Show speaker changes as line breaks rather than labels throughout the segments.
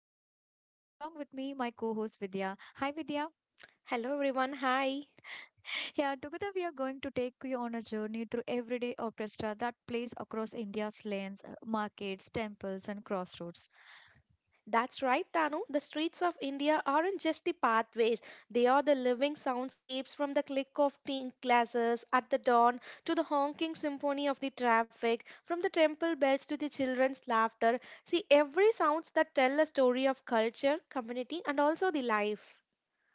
host Tanu, along with me, my co host Vidya. Hi Vidya.
Hello everyone, hi.
Yeah, together we are going to take you on a journey through everyday orchestra that plays across India's lanes, markets, temples, and crossroads.
That's right, Tanu. The streets of India aren't just the pathways, they are the living soundscapes from the click of tea glasses at the dawn to the honking symphony of the traffic, from the temple bells to the children's laughter. See, every sounds that tell a story of culture, community, and also the life.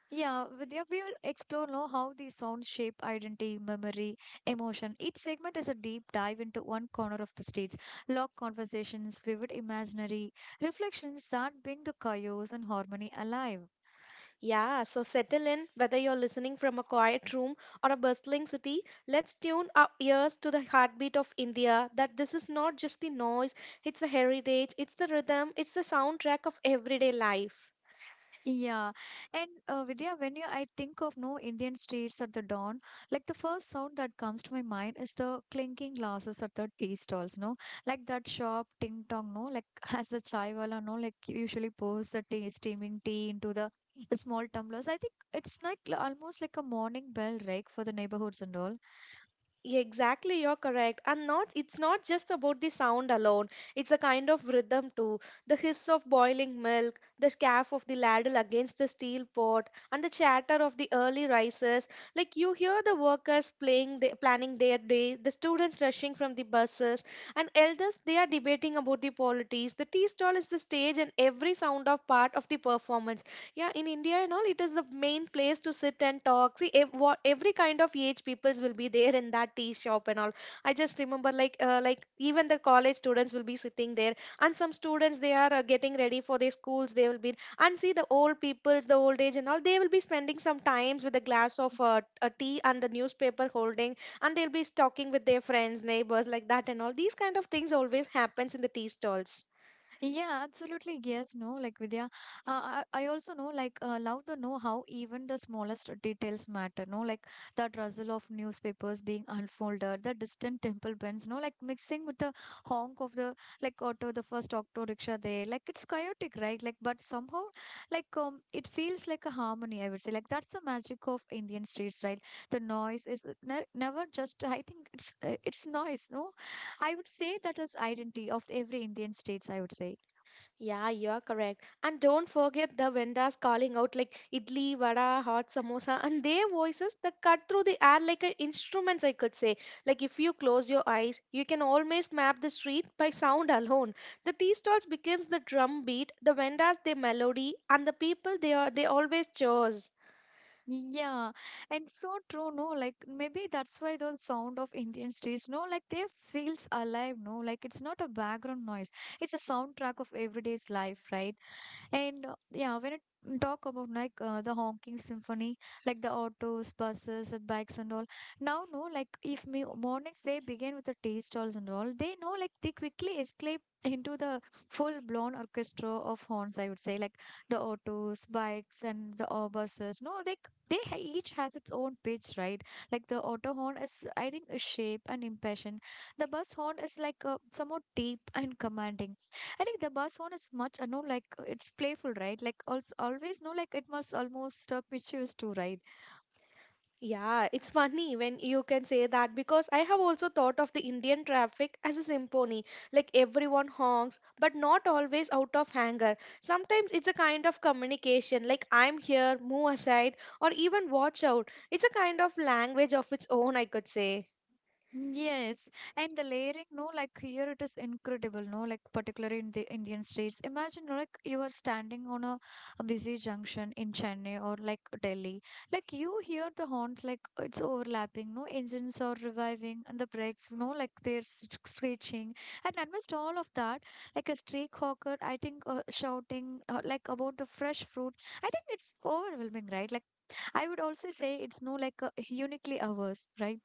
Yeah, Vidya, we will explore now how these sounds shape identity, memory, emotion. Each segment is a deep dive into one corner of the stage, locked conversations, vivid imaginary reflections that bring the chaos and harmony alive.
Yeah, so settle in, whether you're listening from a quiet room or a bustling city, let's tune our ears to the heartbeat of India. That this is not just the noise, it's the heritage, it's the rhythm, it's the soundtrack of everyday life.
Yeah. And Vidya, when you, I think of no Indian streets at the dawn, like the first sound that comes to my mind is the clinking glasses at the tea stalls, no? Like that sharp ting tong, no? Like as the chai wala, no? Like usually pours the tea, steaming tea into the small tumblers. I think it's almost like a morning bell, right, for the neighborhoods and all.
Yeah, exactly, you're correct. And not it's not just about the sound alone. It's a kind of rhythm too. The hiss of boiling milk, the scarf of the ladle against the steel pot, and the chatter of the early risers. Like you hear the workers playing planning their day, the students rushing from the buses, and elders they are debating about the polities. The tea stall is the stage and every sound of part of the performance, yeah. In India and all, it is the main place to sit and talk. See, what every kind of age peoples will be there in that tea shop and all. I just remember like even the college students will be sitting there, and some students they are getting ready for their schools they will be. And see the old peoples, the old age and all, they will be spending some times with a glass of a tea and the newspaper holding, and they'll be talking with their friends, neighbors, like that, and all these kind of things always happens in the tea stalls.
Yeah, absolutely. Yes, no, like Vidya. I also know, like, love to know how even the smallest details matter. No, like that rustle of newspapers being unfolded, the distant temple bells. No, like mixing with the honk of the like auto, the first auto rickshaw there. Like it's chaotic, right? Like, but somehow, like, it feels like a harmony. I would say, like, that's the magic of Indian streets, right? The noise is ne never just. I think it's noise. No, I would say that is identity of every Indian states. I would say.
Yeah, you're correct. And don't forget the vendors calling out like idli, vada, hot samosa, and their voices that cut through the air like a instruments, I could say. Like if you close your eyes, you can almost map the street by sound alone. The tea stalls becomes the drum beat, the vendors their melody, and the people they always cheers.
Yeah, and so true, no? Like maybe that's why the sound of Indian streets, no? Like they feels alive, no? Like it's not a background noise. It's a soundtrack of everyday's life, right? And yeah, when it talk about like the honking symphony, like the autos, buses, and bikes and all. Now, no, like if me mornings they begin with the tea stalls and all, they know like they quickly escape into the full blown orchestra of horns. I would say like the autos, bikes, and the buses. No, like each has its own pitch, right? Like the auto horn is, I think, a shape and impassion. The bus horn is like somewhat deep and commanding. I think the bass one is much, no, like it's playful, right? Like also always, no, like it must almost misuse too, right?
Yeah, it's funny when you can say that because I have also thought of the Indian traffic as a symphony. Like everyone honks, but not always out of anger. Sometimes it's a kind of communication, like I'm here, move aside, or even watch out. It's a kind of language of its own, I could say.
Yes, and the layering, no, like here it is incredible, no, like particularly in the Indian states. Imagine, no, like you are standing on a busy junction in Chennai or like Delhi, like you hear the horns, like it's overlapping, no, engines are reviving and the brakes, no, like screeching, and amidst all of that, like a street hawker, I think shouting like about the fresh fruit. I think it's overwhelming, right? Like I would also say it's no like uniquely ours, right?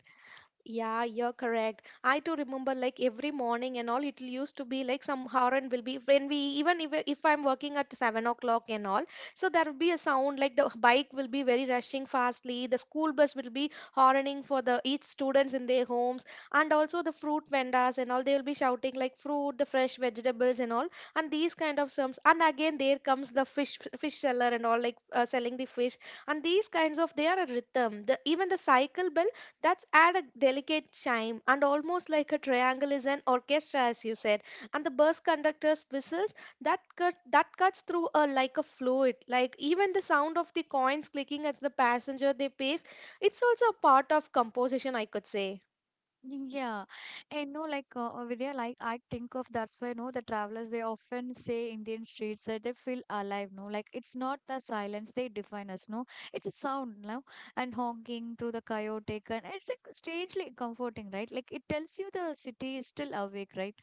Yeah, you're correct. I too remember like every morning and all, it used to be like some horn will be when we even if I'm working at 7 o'clock and all, so there will be a sound like the bike will be very rushing fastly, the school bus will be horning for the each students in their homes, and also the fruit vendors and all they will be shouting like fruit, the fresh vegetables and all, and these kind of terms. And again there comes the fish seller and all like selling the fish, and these kinds of they are a rhythm. The even the cycle bell that's add a delicate chime and almost like a triangle is an orchestra, as you said. And the bus conductor's whistles that cuts through a like a fluid. Like even the sound of the coins clicking as the passenger they pace, it's also a part of composition, I could say.
Yeah, and no, like over there, like I think of that's why no, the travelers they often say Indian streets that they feel alive. No, like it's not the silence they define us. No, it's a sound now and honking through the chaotic, and it's like, strangely comforting, right? Like it tells you the city is still awake, right?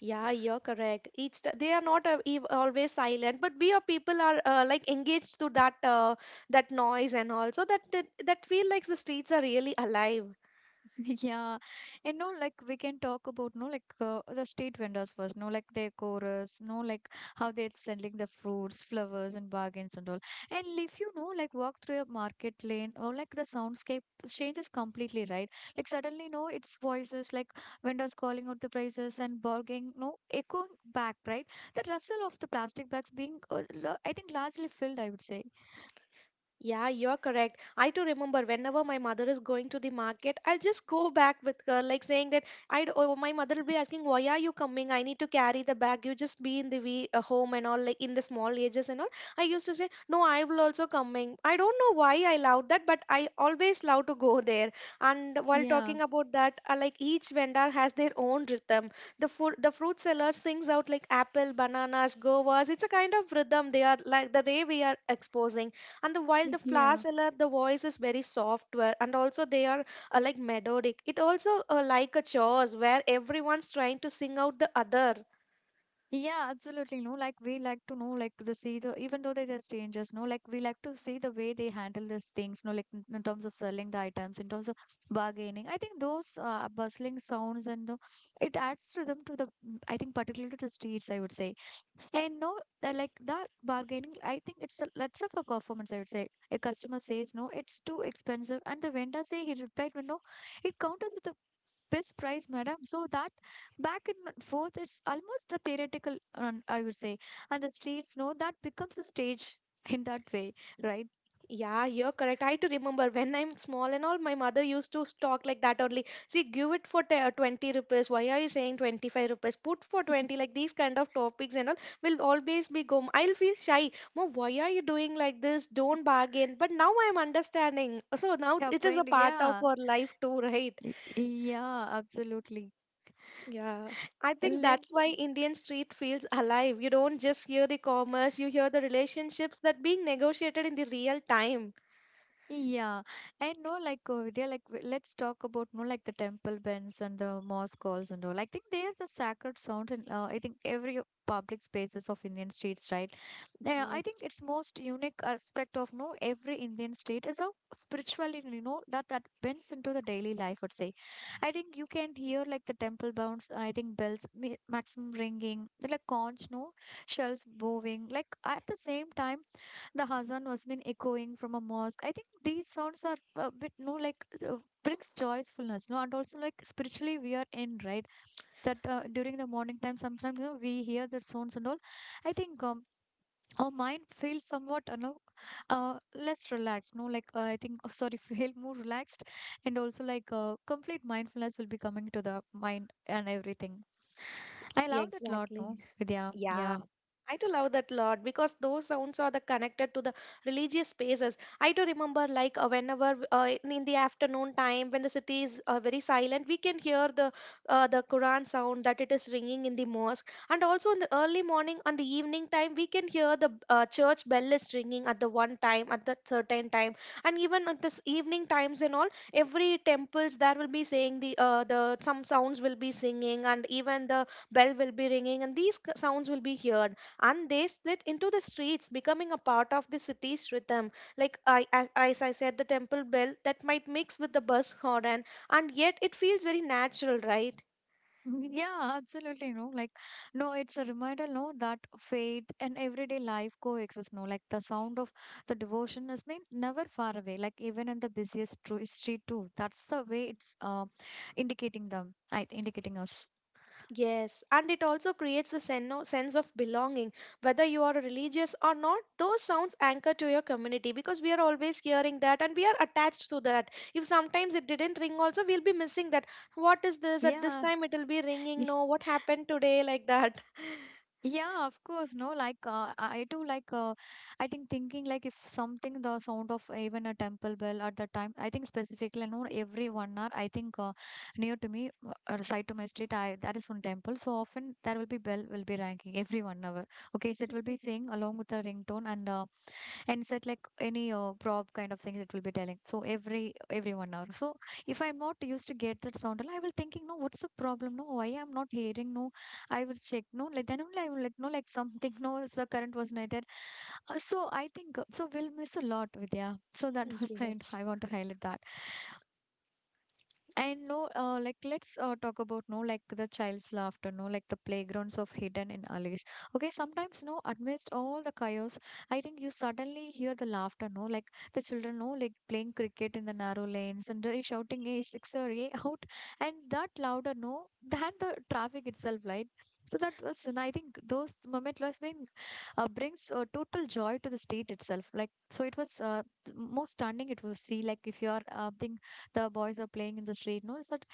Yeah, you're correct. It's they are not always silent, but we are people are like engaged to that that noise and also that feel like the streets are really alive.
Yeah, you know, like we can talk about no, like the street vendors first, no, like their chorus, no, like how they're selling the fruits, flowers, and bargains and all. And if you know, like walk through a market lane or like the soundscape changes completely, right? Like suddenly, no, it's voices like vendors calling out the prices and bargaining, no, echoing back, right? The rustle of the plastic bags being, I think, largely filled, I would say.
Yeah, you're correct. I too remember whenever my mother is going to the market, I'll just go back with her, like saying that I'd oh, my mother will be asking, "Why are you coming? I need to carry the bag. You just be in the we home and all, like in the small ages and all." I used to say, "No, I will also coming." I don't know why I loved that, but I always love to go there. And while
Yeah,
talking about that, like each vendor has their own rhythm. The food, the fruit seller sings out like apple, bananas, govas. It's a kind of rhythm they are like the way we are exposing, and the while the flower
yeah.
seller the voice is very soft and also they are like melodic. It also like a chorus where everyone's trying to sing out the other.
Yeah, absolutely. No, like we like to know, like the see the even though they're the strangers, no, like we like to see the way they handle these things, no, like in terms of selling the items, in terms of bargaining. I think those bustling sounds and the, it adds to them to the, I think particularly to the streets, I would say. And no, like that bargaining, I think it's a, lots of a performance, I would say. A customer says, no, it's too expensive. And the vendor say, he replied, well, no, it counters with the best price, madam. So that back and forth, it's almost a theoretical, I would say. And the streets know that becomes a stage in that way, right?
Yeah, you're correct. I to remember when I'm small and all, my mother used to talk like that only. See, give it for 20 rupees, why are you saying 25 rupees, put for 20, like these kind of topics and all will always be go. I'll feel shy, "Mom, why are you doing like this? Don't bargain." But now I'm understanding, so now
Yeah,
it is a
point,
part of
yeah,
our life too, right?
Y- yeah, absolutely.
Yeah, I think
And then,
that's why Indian street feels alive. You don't just hear the commerce, you hear the relationships that being negotiated in the real time.
yeah, I know, like, they like, let's talk about, no, like the temple bells and the mosque calls and all. I think they are the sacred sound, and I think every public spaces of Indian streets, right? Yeah, I think
Yes,
its most unique aspect of no every Indian state is a spirituality. You know that bends into the daily life. I'd say, I think you can hear like the temple bounds. I think maximum ringing, the, like conch no shells bowing. Like at the same time, the Hazan was been echoing from a mosque. I think these sounds are a bit no like. Uh, brings joyfulness no and also like spiritually we are in right that during the morning time sometimes you know we hear the sounds and all. I think our mind feels somewhat you know less relaxed no like I think oh, sorry feel more relaxed and also like complete mindfulness will be coming to the mind and everything. I
yeah,
love that lot
exactly.
no. Yeah,
Yeah.
yeah.
I do love that lot because those sounds are the connected to the religious spaces. I do remember like whenever in the afternoon time when the city is very silent, we can hear the Quran sound that it is ringing in the mosque, and also in the early morning on the evening time we can hear the church bell is ringing at the one time at that certain time, and even at this evening times and all, every temples there will be saying the the some sounds will be singing, and even the bell will be ringing, and these sounds will be heard and they slid into the streets becoming a part of the city's rhythm. Like as I said, the temple bell that might mix with the bus horn, and yet it feels very natural, right?
Mm, yeah absolutely no like no it's a reminder no that faith and everyday life coexist no like the sound of the devotion is mean never far away like even in the street too, that's the way it's indicating them, I indicating us.
Yes, and it also creates a sense of belonging. Whether you are religious or not, those sounds anchor to your community because we are always hearing that and we are attached to that. If sometimes it didn't ring also, we'll be missing that. What is this, at this
Yeah.
time it will be ringing, no? What happened today, like that.
Yeah, of course. No, like I do like I think thinking like if something the sound of even a temple bell at the time, I think specifically no every 1 hour. I think near to me, side to my street, I that is one temple. So often there will be bell will be ringing every 1 hour. Okay, so it will be saying along with the ringtone and set like any prob kind of things it will be telling. So every 1 hour. So if I'm not used to get that sound, I will thinking no, what's the problem? No, why I'm not hearing no I will check. No, like then only I will let know like something. No, it's the current was not there. So I think. We'll miss a lot, Vidya. So that was I.
Yes.
I want to highlight that. And no, like let's talk about no, like the child's laughter, no, like the playgrounds of hidden in alleys. Okay, sometimes no, amidst all the chaos, I think you suddenly hear the laughter, no, like the children, no, like playing cricket in the narrow lanes and they shouting a sixer, a out, and that louder, no, than the traffic itself, right? So that was, and I think those moment was being brings total joy to the state itself. Like so, it was most stunning. It was see like if you are thinking the boys are playing in the street no it's not,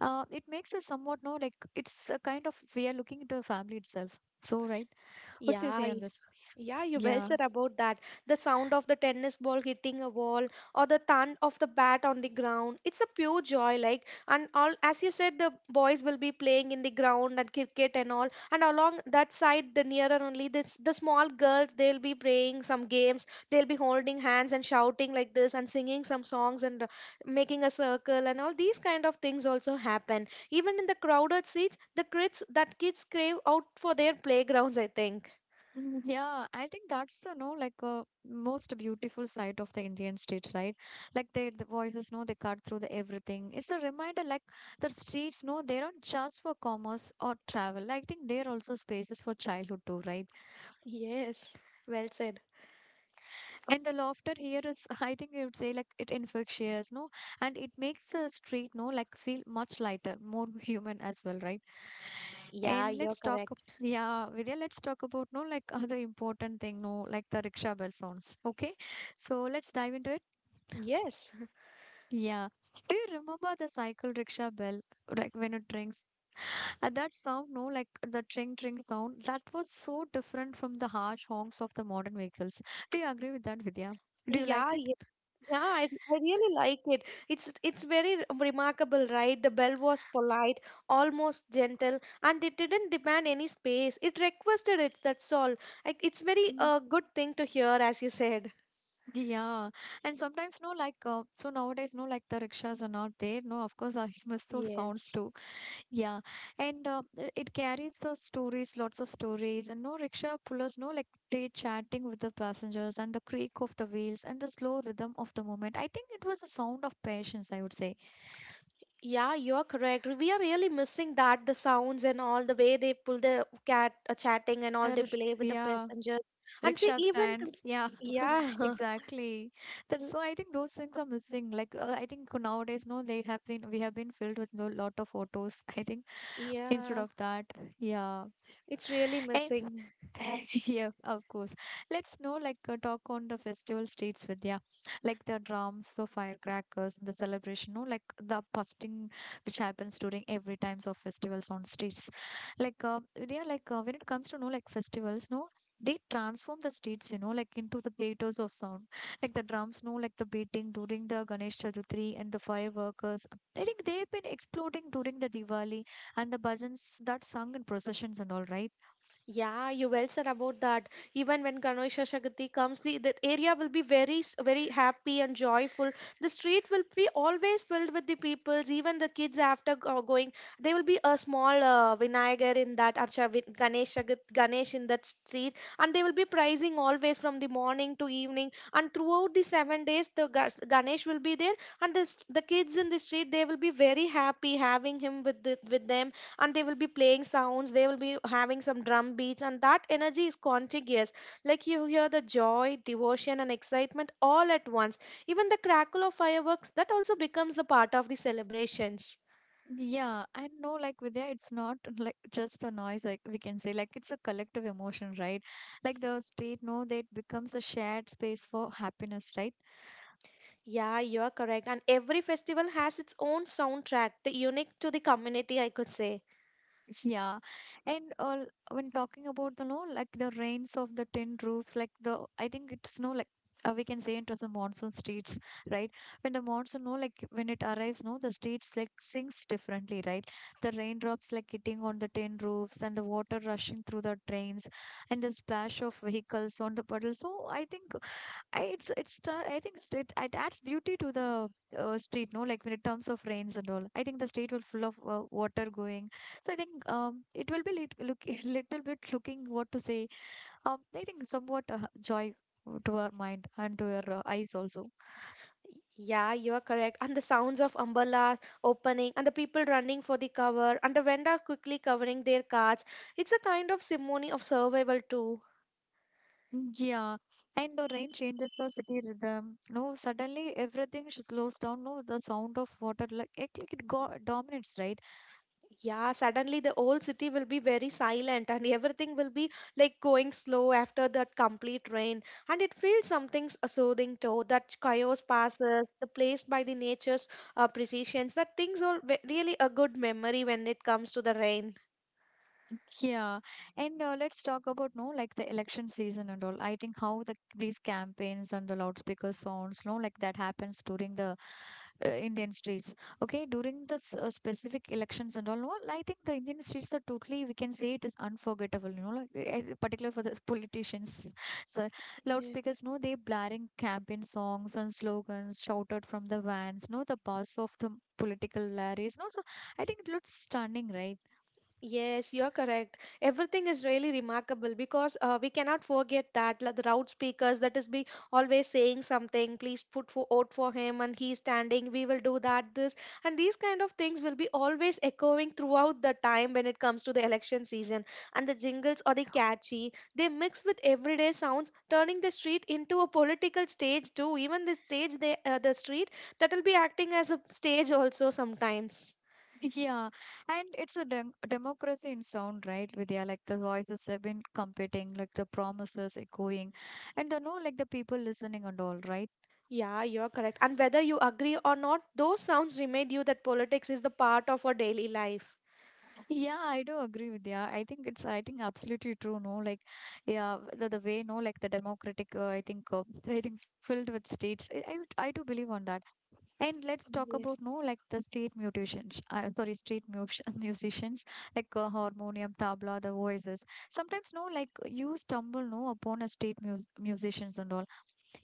it makes us somewhat no like it's a kind of we are looking into the family itself so right, what's your
Yeah.
say on this?
Yeah, you well
Yeah.
said about that. The sound of the tennis ball hitting a wall or the thud of the bat on the ground. It's a pure joy, like and all as you said, the boys will be playing in the ground and cricket and all. And along that side, the nearer only this the small girls they'll be playing some games. They'll be holding hands and shouting like this and singing some songs and making a circle and all these kind of things also happen. Even in the crowded seats, the kids that kids crave out for their playgrounds, I think.
Mm, yeah I think that's the no like most beautiful side of the Indian streets right, like they, the voices no they cut through the everything, it's a reminder like the streets no they aren't just for commerce or travel, I think they're also spaces for childhood too, right?
Yes, well said.
And the laughter here is, I think you would say, like it infectious, no? And it makes the street, no, like feel much lighter, more human as well, right?
Yeah,
And
you're
let's talk,
correct.
yeah, Vidya, let's talk about, no, like other important thing, no, like the rickshaw bell sounds, okay? So let's dive into it.
Yes.
Yeah. Do you remember the cycle rickshaw bell, like when it rings? That sound, no, like the tring tring sound, that was so different from the harsh honks of the modern vehicles. Do you agree with that, Vidya? Do you like
Yeah,
it?
yeah, yeah, I really like it. It's very remarkable, right? The bell was polite, almost gentle, and it didn't demand any space. It requested it, that's all. Like it's very
Mm.
good thing to hear, as you said.
Yeah, and sometimes no, like so nowadays no, like the rickshaws are not there. No, of course, I must those sounds
Yes.
too. Yeah, and it carries the stories, lots of stories, and no rickshaw pullers, no, like they chatting with the passengers and the creak of the wheels and the slow rhythm of the moment. I think it was a sound of patience, I would say.
Yeah, you're correct. We are really missing that, the sounds and all, the way they pull the cat chatting and all, they
Uh,
play with the
yeah,
passenger. And see,
rickshaw
even to,
stands. Yeah.
yeah.
Exactly. That's so I think those things are missing. I think nowadays, no, they have been we have been filled with a lot of photos. I think instead
Yeah,
of that, yeah.
it's really missing.
Yeah, of course. Let's know, like, talk on the festival streets, Vidya. Like the drums, the firecrackers, the celebration, no, like the busting which happens during every times of festivals on streets. Like, Vidya, when it comes to no, like festivals, no, they transform the streets, you know, like into the theaters of sound. Like the drums, no, like the beating during the Ganesh Chaturthi and the fireworkers. I think they've been exploding during the Diwali and the bhajans that sung in processions and all, right?
Yeah, you well said about that. Even when Ganesha Chaturthi comes, the area will be very, very happy and joyful. The street will be always filled with the peoples, even the kids after going. There will be a small Vinayagar in that, Archa, Ganesh, Shagat Ganesh in that street, and they will be praising always from the morning to evening. And throughout the seven days, the Ganesh will be there, and the kids in the street, they will be very happy having him with them, and they will be playing sounds, they will be having some drum beats, and that energy is contagious. Like you hear the joy, devotion and excitement all at once. Even the crackle of fireworks that also becomes the part of the celebrations.
Yeah, I know like Vidya, it's not like just a noise, like we can say, like it's a collective emotion, right? Like the street, no, that becomes a shared space for happiness, right?
Yeah, you're correct, and every festival has its own soundtrack the unique to the community, I could say.
Yeah, and all when talking about the no, like the rains of the tin roofs, like the I think it's no like we can say it was the monsoon streets, right? When the monsoon, no, like when it arrives, no, the streets like sinks differently, right? The raindrops like hitting on the tin roofs and the water rushing through the drains and the splash of vehicles on the puddles. So I think I, I think it, it adds beauty to the street, no? Like when it terms of rains and all. I think the street will full of water going. So I think it will be lit, look little bit looking what to say. I think somewhat joy to our mind and to our eyes also.
Yeah, you are correct. And the sounds of umbrellas opening and the people running for the cover and the vendors quickly covering their carts. It's a kind of ceremony of survival too.
Yeah. And the rain changes the city rhythm. No, suddenly everything slows down. No, the sound of water like it go, dominates, right?
Yeah, suddenly the old city will be very silent and everything will be like going slow after that complete rain. And it feels something soothing too. That chaos passes, the place by the nature's precisions. That things are really a good memory when it comes to the rain.
Yeah, and let's talk about no like the election season and all. I think how the these campaigns and the loudspeaker sounds, no like that happens during the Indian streets. Okay, during the specific elections and all, no, I think the Indian streets are totally we can say it is unforgettable. You know, particularly for the politicians, so
Yes.
loudspeakers, no, they blaring campaign songs and slogans shouted from the vans, no, the bus of the political rallies, no, so I think it looks stunning, right?
Yes, you're correct. Everything is really remarkable because we cannot forget that like the route speakers that is be always saying something. Please put for out for him, and he's standing. We will do that, this, and these kind of things will be always echoing throughout the time when it comes to the election season. And the jingles or the catchy, they mix with everyday sounds, turning the street into a political stage too. Even the stage, they, the street, that will be acting as a stage also sometimes.
Yeah, and it's a democracy in sound, right, Vidya? Like the voices have been competing, like the promises echoing, and the no, like the people listening and all, right?
Yeah, you're correct. And whether you agree or not, those sounds remind you that politics is the part of our daily life.
Yeah, I do agree with you. I think absolutely true. No, like, yeah, the way, no, like the democratic, I think, I think filled with states. I do believe on that. And let's talk about,
Yes.
no, like the state mutations, sorry, musicians, like harmonium, tabla, the voices. Sometimes, no, like you stumble, no, upon a street musicians and all.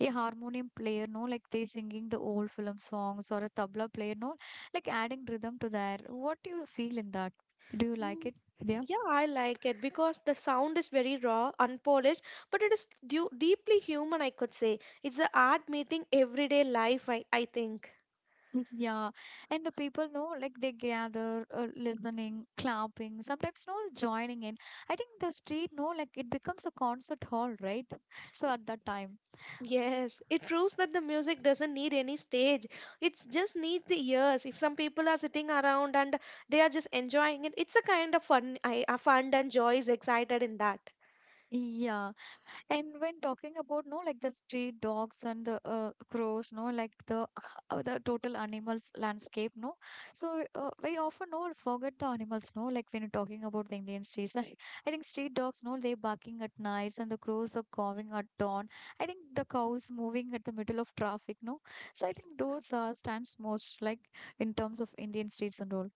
A harmonium player no like they singing the old film songs or a tabla player no like adding rhythm to their what do you feel in that do you like
Mm,
it, Vidya?
yeah, I like it because the sound is very raw, unpolished, but it is deeply human, I could say. It's the art meeting everyday life, I think.
Yeah, and the people know like they gather, listening, clapping, sometimes no joining in. I think the street no like it becomes a concert hall, right? So at that time,
Yes, it proves that the music doesn't need any stage. It just needs the ears. If some people are sitting around and they are just enjoying it, it's a kind of fun, fun and joy is excited in that.
yeah. And when talking about no like the street dogs and the crows, no like the total animals landscape, no. So we often no forget the animals, no like when you're talking about the Indian streets. I think street dogs, no they barking at nights and the crows are cawing at dawn. I think the cows moving at the middle of traffic, no. So I think those stands most like in terms of Indian streets and all.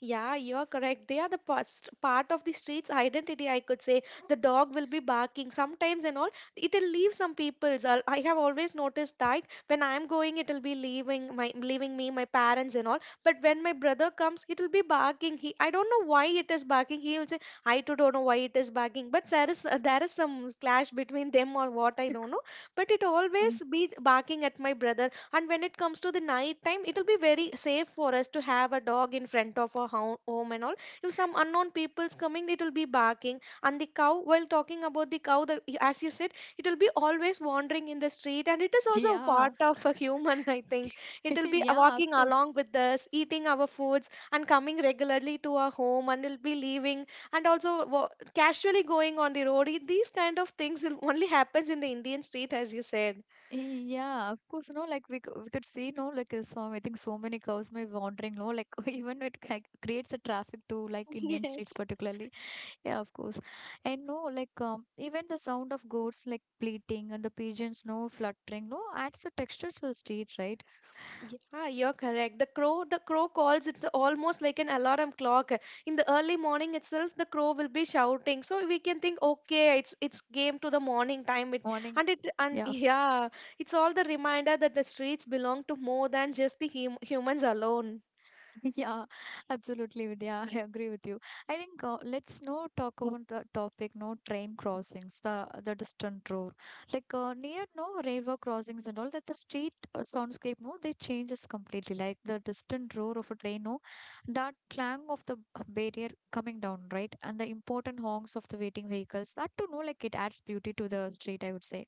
Yeah, you're correct. They are the past, part of the street's identity, I could say. The dog will be barking sometimes and all. It'll leave some people's. I have always noticed that when I'm going, it'll be leaving my leaving me, my parents and all. But when my brother comes, it'll be barking. He, I don't know why it is barking. He will say, I too don't know why it is barking. But there is some clash between them or what I don't know. But it
Mm.
always be barking at my brother. And when it comes to the night time, it'll be very safe for us to have a dog in front of our home and all. If some unknown people's coming, it will be barking. And the cow, while talking about the cow, the, as you said, it will be always wandering in the street. And it is also a
Yeah,
part of a human, I think. It will be
yeah, of
walking
course.
along with us, eating our foods, and coming regularly to our home, and it'll be leaving, and also casually going on the road. These kind of things will only happens in the Indian street, as you said.
Yeah, of course, no, like we could see, no, so, I think so many cows may be wandering, no, like even it like, creates a traffic to like Indian states
Yes.
particularly. Yeah, of course. And no, even the sound of goats like bleating and the pigeons, no, fluttering, no, adds a texture to the street, right?
Yeah, you're correct. The crow calls it the- almost like an alarm clock. In the early morning itself, the crow will be shouting. So we can think, okay, it's game to the morning time. It
Morning.
and it and
Yeah.
yeah, it's all the reminder that the streets belong to more than just the humans alone.
Yeah, absolutely, Vidya. I agree with you. I think let's now talk about the topic, no train crossings, the distant road, like near no railway crossings and all that. The street soundscape, no, they changes completely. Like the distant roar of a train, no, that clang of the barrier coming down, right, and the important honks of the waiting vehicles. That to know, like it adds beauty to the street. I would say.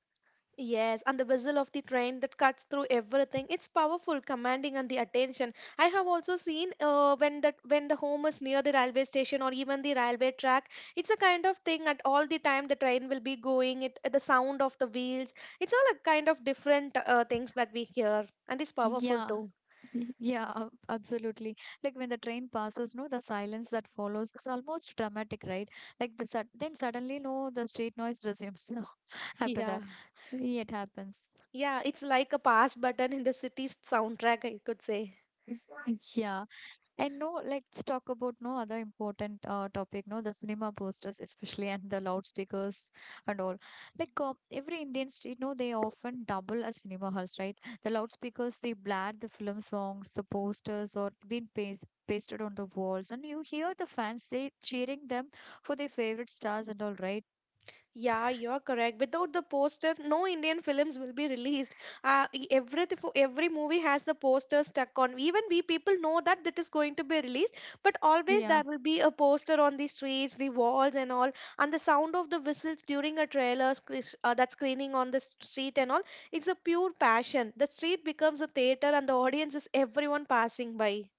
Yes, and the whistle of the train that cuts through everything. It's powerful, commanding and the attention. I have also seen when that when the home is near the railway station or even the railway track, it's a kind of thing at all the time the train will be going. It the sound of the wheels. It's all a kind of different things that we hear, and it's powerful
Yeah,
too.
Yeah, absolutely. Like when the train passes, no, the silence that follows is almost dramatic, right? Like the sud then suddenly, no, the street noise resumes, no, after
Yeah,
that. So it happens.
yeah, it's like a pass button in the city's soundtrack, I could say.
Yeah. And no, let's talk about no other important topic, no, the cinema posters, especially and the loudspeakers and all. Like every Indian street, no, they often double as cinema halls, right? The loudspeakers, they blare the film songs, the posters, or being pasted on the walls, and you hear the fans they cheering them for their favorite stars and all, right?
Yeah, you're correct. Without the poster, no Indian films will be released. Every movie has the poster stuck on. Even we people know that it is going to be released, but always
Yeah.
there will be a poster on the streets, the walls, and all. And the sound of the whistles during a that screening on the street and all, it's a pure passion. The street becomes a theater, and the audience is everyone passing by.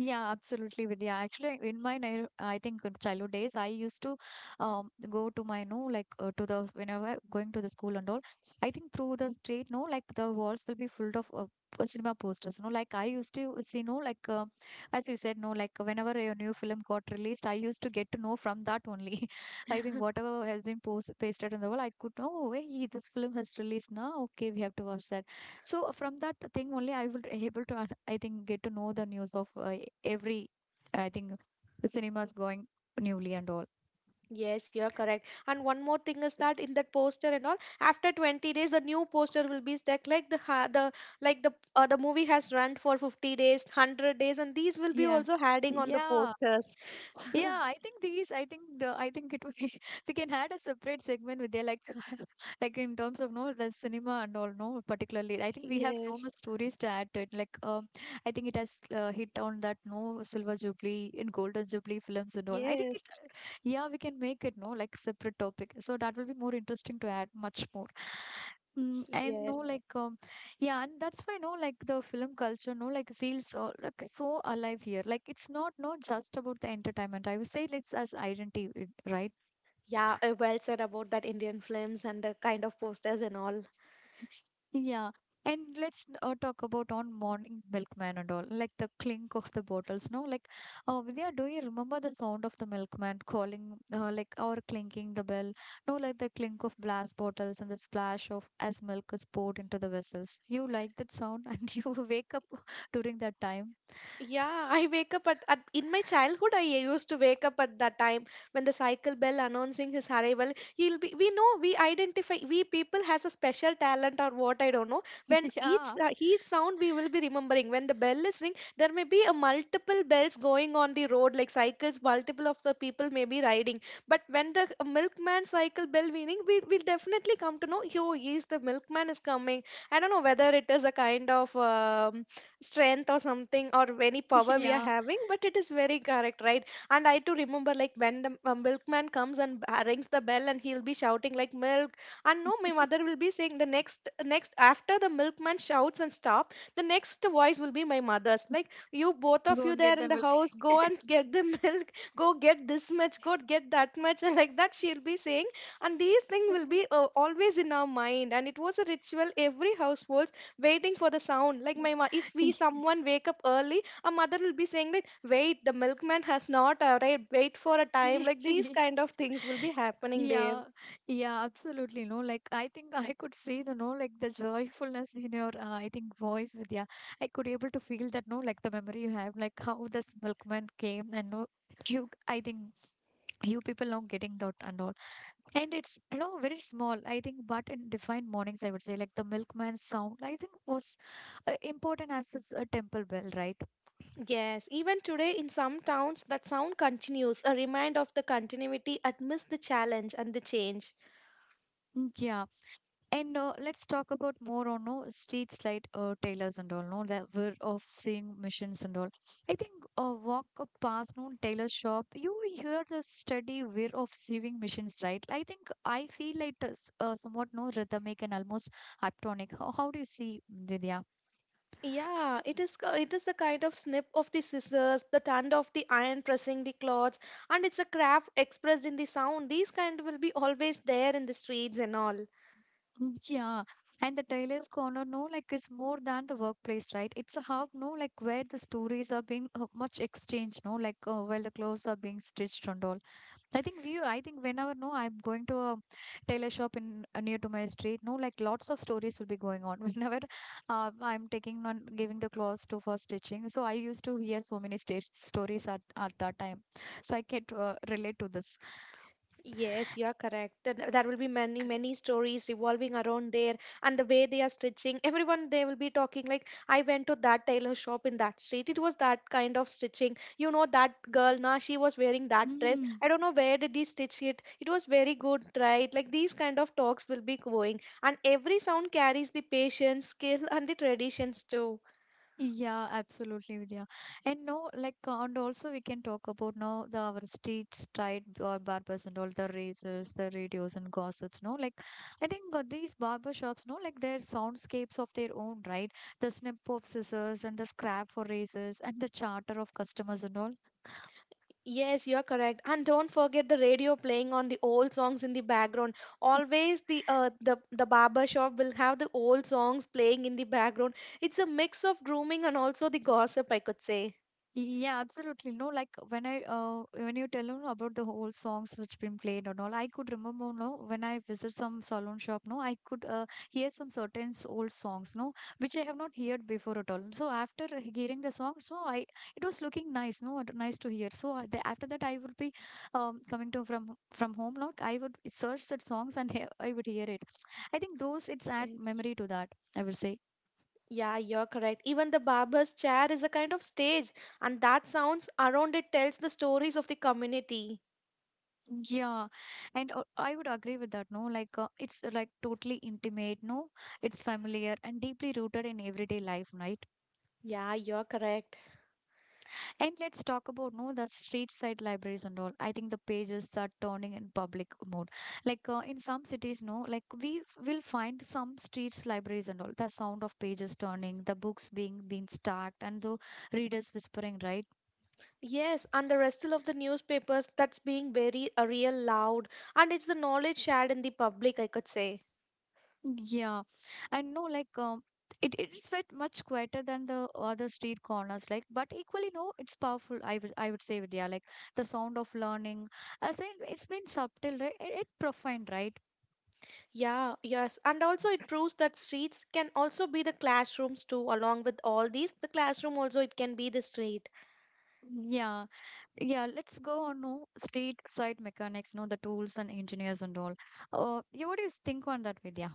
Yeah, absolutely, Vidya. Actually, in my I think in childhood days, I used to go to my no to the whenever going to the school and all. I think through the street, no, like the walls will be full of cinema posters. No, like I used to see, no, as you said, no, like whenever a new film got released, I used to get to know from that only. I mean, whatever has been post pasted on the wall, I could know. Oh, hey, this film has released now. Okay, we have to watch that. So from that thing only, I will able to, I think, get to know the news of every, I think, the cinemas going newly and all.
Yes, you're correct. And one more thing is that in that poster and all, after 20 days, a new poster will be stuck. Like the ha- the like the The movie has run for 50 days, 100 days, and these will be
Yeah.
also adding on the
Yeah.
posters.
Yeah, I think these. I think the. I think it would be- We can add a separate segment with their like, like in terms of no the cinema and all no particularly. I think we have so
Yes,
much stories to add to it. Like, I think it has hit on that no silver jubilee and golden jubilee films and all. I think it.
yes,
Yeah, we can make it no like separate topic. So that will be more interesting to add much more. Mm, and no
yes.
yeah, and that's why no, like the film culture, no, like feels like so alive here. Like it's not just about the entertainment. I would say it's as identity, it- right?
Yeah, well said about that Indian films and the kind of posters and all.
Yeah. And let's talk about on morning milkman and all, like the clink of the bottles. No, like, Vidya, do you remember the sound of the milkman calling, like, or clinking the bell? No, like the clink of glass bottles and the splash of as milk is poured into the vessels. You like that sound and you wake up during that time.
Yeah, I wake up at in my childhood I used to wake up at that time when the cycle bell announcing his arrival. He'll be we know we identify we people has a special talent or what I don't know. When
Yeah.
each sound we will be remembering. When the bell is ring, there may be a multiple bells going on the road like cycles. Multiple of the people may be riding. But when the milkman cycle bell meaning we will definitely come to know. Yo, is the milkman is coming. I don't know whether it is a kind of. Strength or something or any power we are
Yeah,
having, but it is very correct, right? And I too remember, like when the milkman comes and rings the bell and he'll be shouting like milk and no my mother will be saying the next after the milkman shouts and stop. The next voice will be my mother's, like you both of
go
you
and get
there
the
in the
milk.
house go and get the milk, go get this much, go get that much, and like that she'll be saying. And these things will be always in our mind, and it was a ritual. Every household waiting for the sound, like if we someone wake up early a mother will be saying that wait, the milkman has not arrived, wait for a time. Like these kind of things will be happening there.
Yeah, yeah, absolutely. No, like I think I could see the no, like the joyfulness in your, I think, voice, Vidya. I could able to feel that no, like the memory you have, like how this milkman came and no, you, I think you people now getting that and all. And it's no very small, I think, but in defined mornings, I would say, like the milkman's sound, I think, was important as this temple bell, right?
Yes, even today in some towns that sound continues, a reminder of the continuity amidst the challenge and the change.
Mm. Yeah. And let's talk about more on no street slide tailors and all no that we of seeing missions and all. I think walk up past no tailor shop, you hear the steady whir of sewing machines, right? I think I feel like it's somewhat no rhythmic and almost hyptonic. How do you see Vidya?
Yeah, it is it is the kind of snip of the scissors, the turn of the iron pressing the cloths, and it's a craft expressed in the sound. These kind will be always there in the streets and all.
Mm. Yeah. And the tailor's corner, no, like it's more than the workplace, right? It's a hub, no, like where the stories are being much exchanged, no, while the clothes are being stitched and all. I think whenever no, I'm going to a tailor shop in near to my street. No, like lots of stories will be going on whenever I'm taking on giving the clothes to for stitching. So I used to hear so many stories at that time. So I can relate to this.
Yes, you are correct. Then there will be many, many stories revolving around there and the way they are stitching. Everyone, they will be talking like, I went to that tailor shop in that street. It was that kind of stitching. You know, that girl, now she was wearing that dress. I don't know where did he stitch it. It was very good, right? Like these kind of talks will be going. And every sound carries the patience, skill, and the traditions too.
Yeah, absolutely, Vidya. And no, like, and also we can talk about now the our streets, tried or barbers and all the razors, the radios and gossips. No, like, I think these barber shops, no, like their soundscapes of their own, right? The snip of scissors and the scrap for razors and the chatter of customers and all.
Yes, you're correct. And don't forget the radio playing on the old songs in the background. Always the the barber shop will have the old songs playing in the background. It's a mix of grooming and also the gossip, I could say.
Yeah, absolutely. No, like when I when you tell me about the whole songs which been played and all, I could remember no when I visit some salon shop, no, I could hear some certain old songs, no, which I have not heard before at all. So after hearing the songs, no, I it was looking nice, no, nice to hear. So the, after that, I would be coming to from home, no, I would search that songs and he I would hear it. I think those it's add
Yes.
memory to that. I would say.
Yeah, you're correct. Even the barber's chair is a kind of stage, and that sounds around it tells the stories of the community.
Yeah, and I would agree with that. No, like it's like totally intimate. No, it's familiar and deeply rooted in everyday life, right?
Yeah, you're correct.
And let's talk about no the street side libraries and all. I think the pages are turning in public mode. Like in some cities, no, like we will find some streets libraries and all. The sound of pages turning, the books being stacked, and the readers whispering, right?
Yes, and the rest of the newspapers that's being very real loud, and it's the knowledge shared in the public, I could say.
Yeah, and no, like it it is bit much quieter than the other street corners, like, but equally, no, it's powerful. I would say, Vidya, like the sound of learning. I say it's been subtle, right? It profound, right?
Yeah, yes. And also, it proves that streets can also be the classrooms too, along with all these. The classroom also, it can be the street.
Yeah, yeah. Let's go on no street side mechanics, no the tools and engineers and all. You what do you think on that, Vidya?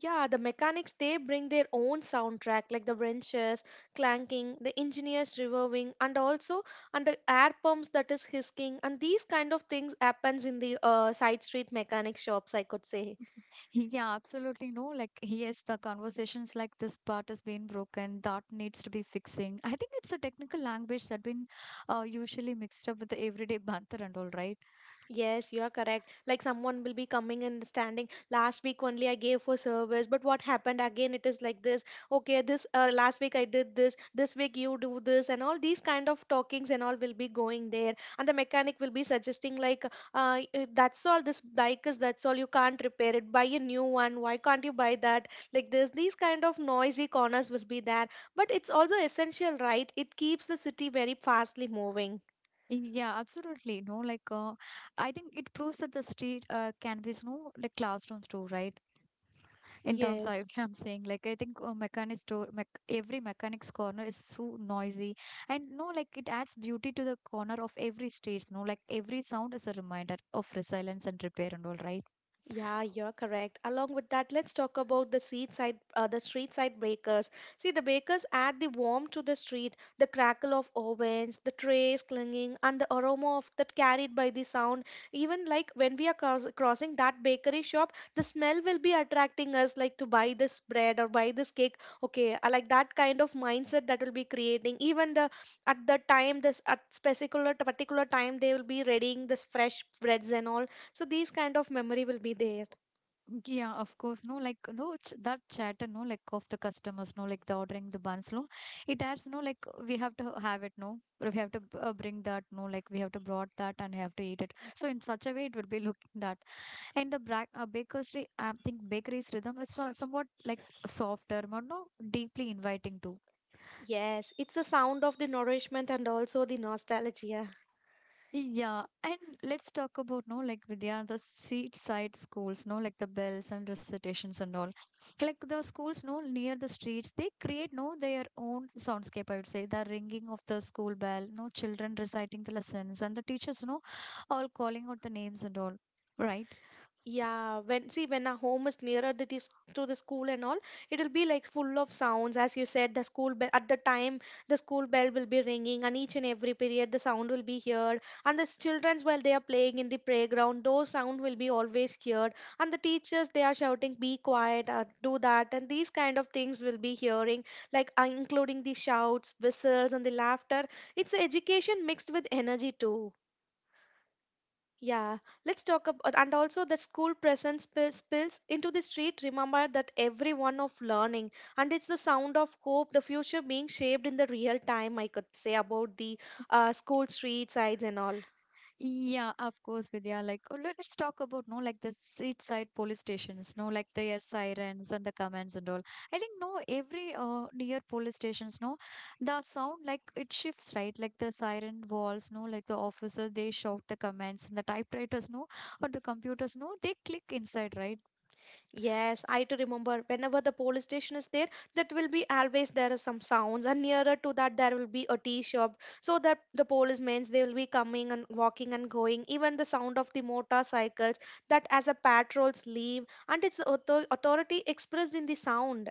Yeah, the mechanics, they bring their own soundtrack, like the wrenches clanking, the engineers revolving, and the air pumps that is hissing, and these kind of things happens in the side street mechanic shops, I could say.
Yeah, absolutely no. Like, yes, the conversations like this part has been broken, that needs to be fixing. I think it's a technical language that been usually mixed up with the everyday banter and all, right?
Yes, you are correct. Like someone will be coming and standing. Last week only I gave for service, but what happened again? It is like this. Okay, this last week I did this. This week you do this, and all these kind of talkings and all will be going there. And the mechanic will be suggesting like, that's all. This bike is that's all. You can't repair it. Buy a new one. Why can't you buy that? Like this, these kind of noisy corners will be there. But it's also essential, right? It keeps the city very fastly moving.
Yeah, absolutely no. Like, I think it proves that the street can be no like classrooms too, right? In terms
Yes.
of I'm saying, like, I think mechanics store, mech every mechanics corner is so noisy, and no, like it adds beauty to the corner of every streets. No, like every sound is a reminder of resilience and repair and all, right?
Yeah, you're correct. Along with that, let's talk about the street side bakers. See, the bakers add the warmth to the street, the crackle of ovens, the trays clinging, and the aroma of that carried by the sound. Even like when we are crossing that bakery shop, the smell will be attracting us like to buy this bread or buy this cake. Okay, I like that kind of mindset that will be creating. Even the at the time this at particular time they will be readying this fresh breads and all, so these kind of memory will be there.
Yeah, of course, no, like no, ch that chatter, no, like of the customers, no, like the ordering the buns, no, it adds, no, like we have to have it, no, we have to bring that, no, like we have to brought that and have to eat it. So in such a way, it will be looking that. And the bra bakery, I think bakery's rhythm is somewhat like softer, but no, deeply inviting too.
Yes, it's the sound of the nourishment and also the nostalgia.
Yeah, and let's talk about no like Vidya, the street side schools, no like the bells and recitations and all. Like the schools, no near the streets, they create no their own soundscape. I would say the ringing of the school bell, no children reciting the lessons, and the teachers, no all calling out the names and all. Right?
Yeah, when see when our home is nearer the to the school and all, it'll be like full of sounds. As you said, the school bell at the time the school bell will be ringing, and each and every period the sound will be heard. And the childrens while they are playing in the playground, those sound will be always heard. And the teachers they are shouting, "Be quiet, do that," and these kind of things will be hearing, like including the shouts, whistles, and the laughter. It's education mixed with energy too. Yeah, let's talk about and also the school presence spills into the street. Remember that everyone of learning and it's the sound of hope, the future being shaped in the real time. I could say about the school street sides and all.
Yeah, of course, Vidya. Like, oh, let's talk about no, like the street side police stations, no, like their sirens and the commands and all. I think no, every near police stations, no, the sound like it shifts, right? Like the siren walls, no, like the officers they shout the commands and the typewriters, no, or the computers, no, they click inside, right?
Yes, I too remember. Whenever the police station is there, that will be always there is some sounds, and nearer to that there will be a tea shop. So that the policemen they will be coming and walking and going. Even the sound of the motorcycles that as a patrols leave, and it's the authority expressed in the sound.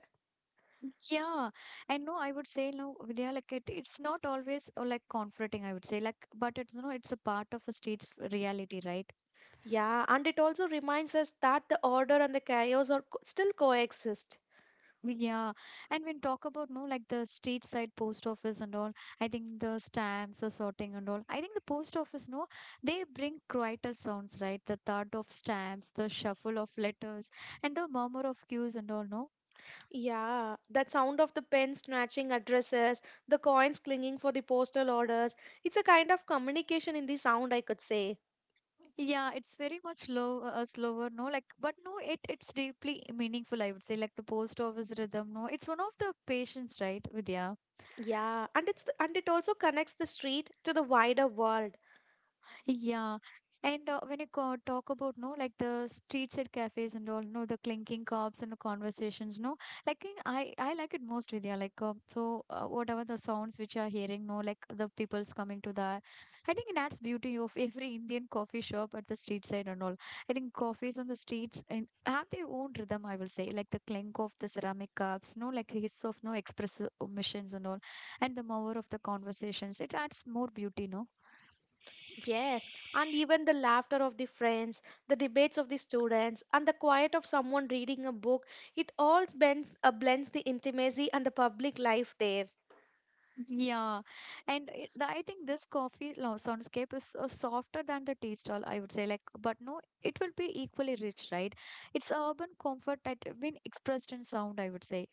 Yeah, and no, I would say no, Vidya. Like it, it's not always like comforting. I would say like, but it's no, it's a part of a street's reality, right?
Yeah, and it also reminds us that the order and the chaos are still coexist.
Yeah, and when talk about no like the street side post office and all, I think the stamps, the sorting and all. I think the post office no, they bring quieter sounds, right? The thud of stamps, the shuffle of letters, and the murmur of queues and all. No,
Yeah, that sound of the pen snatching addresses, the coins clinging for the postal orders. It's a kind of communication in the sound, I could say.
yeah, it's very much low, slower. No, like but no, it it's deeply meaningful. I would say like the post office rhythm. No, it's one of the patients, right, Vidya?
Yeah, and it's the, and it also connects the street to the wider world.
Yeah. And when you talk about no, like the street side cafes and all, no, the clinking cups and the conversations, no, like I like it most with yeah, like so whatever the sounds which you are hearing, no, like the people's coming to that, I think it adds beauty of every Indian coffee shop at the street side and all. I think coffees on the streets and have their own rhythm, I will say, like the clink of the ceramic cups, no, like hiss of no express missions and all, and the mower of the conversations. It adds more beauty, no.
Yes, and even the laughter of the friends, the debates of the students, and the quiet of someone reading a book, it all blends, blends the intimacy and the public life there.
Yeah, and it, the- I think this coffee soundscape is softer than the tea stall, I would say. Like, but no, it will be equally rich, right? It's urban comfort that have been expressed in sound, I would say.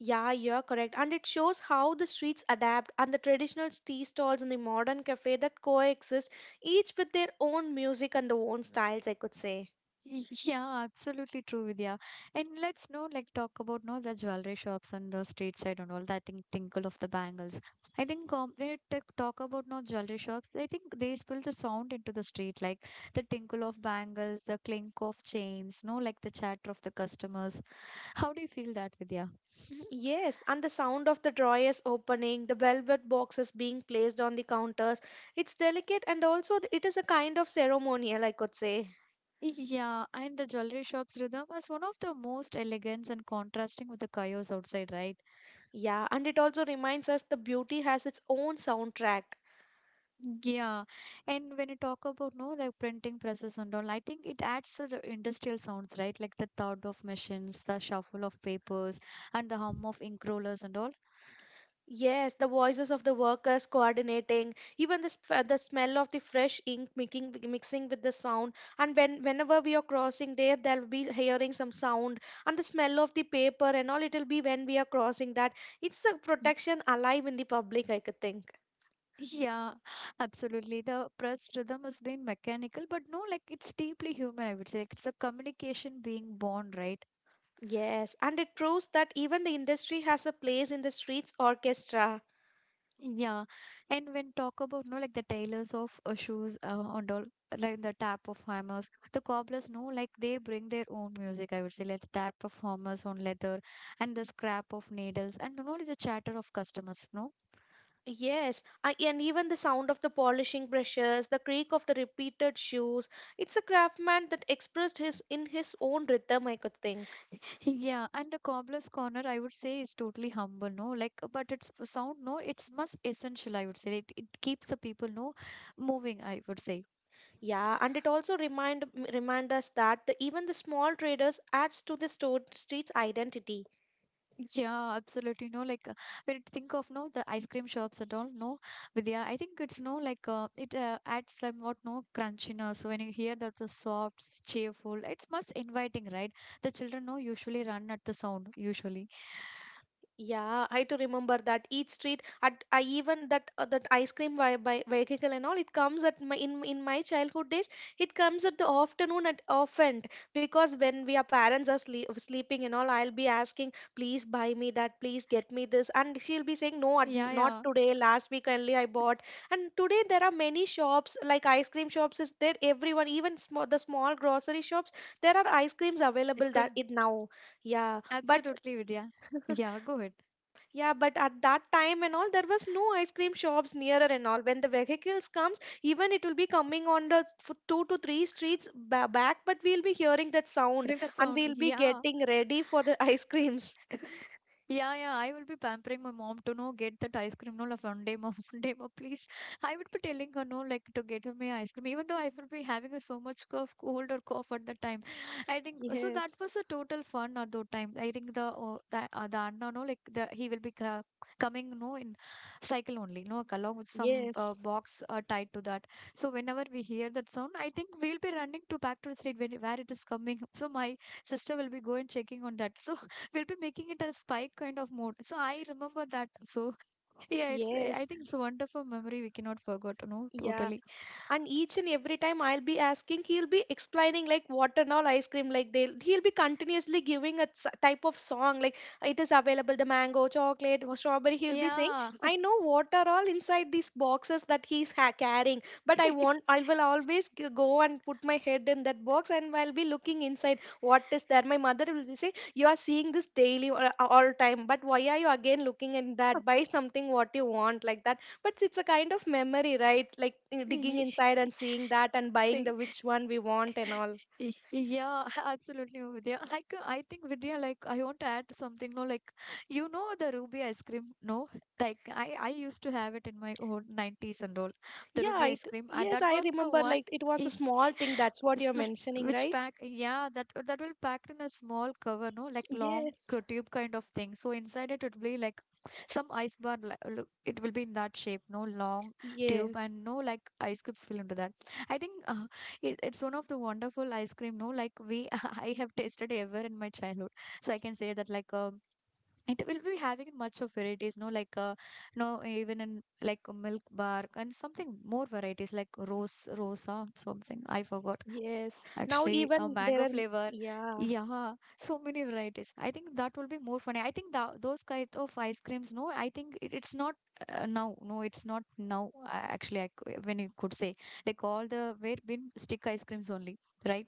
Yeah, you're correct. And it shows how the streets adapt and the traditional tea stalls and the modern cafe that coexist, each with their own music and their own styles, I could say.
Y- Yeah, absolutely true, Vidya. And let's know, like, talk about no the jewelry shops on the street side and all that. I think tinkle of the bangles. I think when you talk about no jewelry shops, I think they spill the sound into the street, like the tinkle of bangles, the clink of chains, no, like the chatter of the customers. How do you feel that, Vidya?
Mhm, yes, and the sound of the drawers opening, the velvet boxes being placed on the counters, it's delicate and also it is a kind of ceremonial, I could say.
Yeah, and the jewelry shops rhythm is one of the most elegant and contrasting with the chaos outside, right?
Yeah, and it also reminds us the beauty has its own soundtrack.
Yeah, and when you talk about no like printing presses and all, I think it adds to the industrial sounds, right? Like the thud of machines, the shuffle of papers, and the hum of ink rollers and all.
Yes, the voices of the workers coordinating, even the, the smell of the fresh ink mixing with the sound. And when whenever we are crossing there, they'll be hearing some sound and the smell of the paper and all. It'll be when we are crossing that. It's the
Mm.
protection alive in the public, I could think.
Yeah, absolutely. The press rhythm has been mechanical, but no, like it's deeply human, I would say. Like it's a communication being born, right?
Yes, and it proves that even the industry has a place in the streets orchestra.
Yeah, and when talk about no like the tailors of shoes and all like the tap of hammers, the cobblers no like they bring their own music. I would say like the tap of hammers on leather and the scrap of needles and you know like, the chatter of customers. No,
Yes, I, and even the sound of the polishing brushes, the creak of the repeated shoes. It's a craftsman that expressed his in his own rhythm, I could think.
yeah, and the cobbler's corner I would say is totally humble. No, like but it's sound no it's must essential. I would say it keeps the people no moving. I would say.
Yeah, and it also remind us that the, even the small traders adds to the store, street's identity.
Yeah, absolutely. No, like when you think of no the ice cream shops at all, no, Vidya. I think it's no like it adds somewhat no crunchiness. So when you hear that the soft, cheerful, it's much inviting, right? The children no usually run at the sound usually.
Yeah, I to remember that each street at I even that that ice cream by vehicle and all it comes at my in my childhood days it comes at the afternoon at often because when we are parents are sleeping and all I'll be asking please buy me that please get me this and she'll be saying no
Yeah,
not
yeah,
today last week only I bought and today there are many shops like ice cream shops is there everyone even small the small grocery shops there are ice creams
ice
available that
cream.
it now yeah but
Absolutely, Vidya. Yeah, go ahead.
Yeah, but at that time and all, there was no ice cream shops nearer and all. When the vehicles comes, even it will be coming on the 2 to 3 streets back, but we'll be hearing that sound
Hearing the
and
sound.
we'll be
Yeah.
getting ready for the ice creams.
Yeah, yeah, I will be pampering my mom to know get that ice cream. No, like one day, mom, one day, mom, please. I would be telling her no, like to get me ice cream, even though I will be having a, so much cough, cold or cough at the time. I think so. That
Yes,
was a total fun at that time. I think the oh, the Anna, no, like the he will be coming no in cycle only, no, like, along with some
yes,
box tied to that. So whenever we hear that sound, I think we'll be running to back to the street when, where it is coming. So my sister will be going checking on that. So we'll be making it a spike kind of mode. So I remember that. So yeah, it's I
yes,
think it's a wonderful memory we cannot forget. No,
yeah.
totally.
And each and every time I'll be asking he'll be explaining like water all ice cream like they'll he'll be continuously giving a type of song like it is available the mango chocolate or strawberry he'll be saying
Yeah.
I know what are all inside these boxes that he's carrying but I want I will always go and put my head in that box and I'll be looking inside what is there my mother will be saying you are seeing this daily or all time but why are you again looking in that buy something what you want like that but it's a kind of memory, right? Like digging
Ye-
inside and seeing that and buying
Sing
the which one we want and all.
Y- Yeah, absolutely, Vidya. I, I think, Vidya, like, I want to add something, no, like, you know, the Ruby ice cream, no? Like, I used to have it in my own 90s and all. The
Yeah,
Ruby ice
it
cream,
yes,
that
I
was the
remember
one,
like it was a
eh,
small thing, that's what
this
you're
one,
mentioning,
which
right?
pack, yeah, that will packed in a small cover, no, like long
Yes.
tube kind of thing. So inside it would be like some ice bar, look, it will be in that shape, no, long tube,
Yes.
and no, like, ice cubes will into that. I think it's one of the wonderful ice cream, no? Like we, I have tasted ever in my childhood. So I can say that like it will be having much of varieties, no? No, even in like a milk bar and something more varieties like rose, rosa, something. I forgot.
Yes. Now
Actually, a
even there
mango
are
flavor.
yeah.
Yeah, so many varieties. I think that will be more funny. I think tha those kind of ice creams, no, I think it's not now. No, it's not now. Actually, when you could say like all the where been stick ice creams only, right?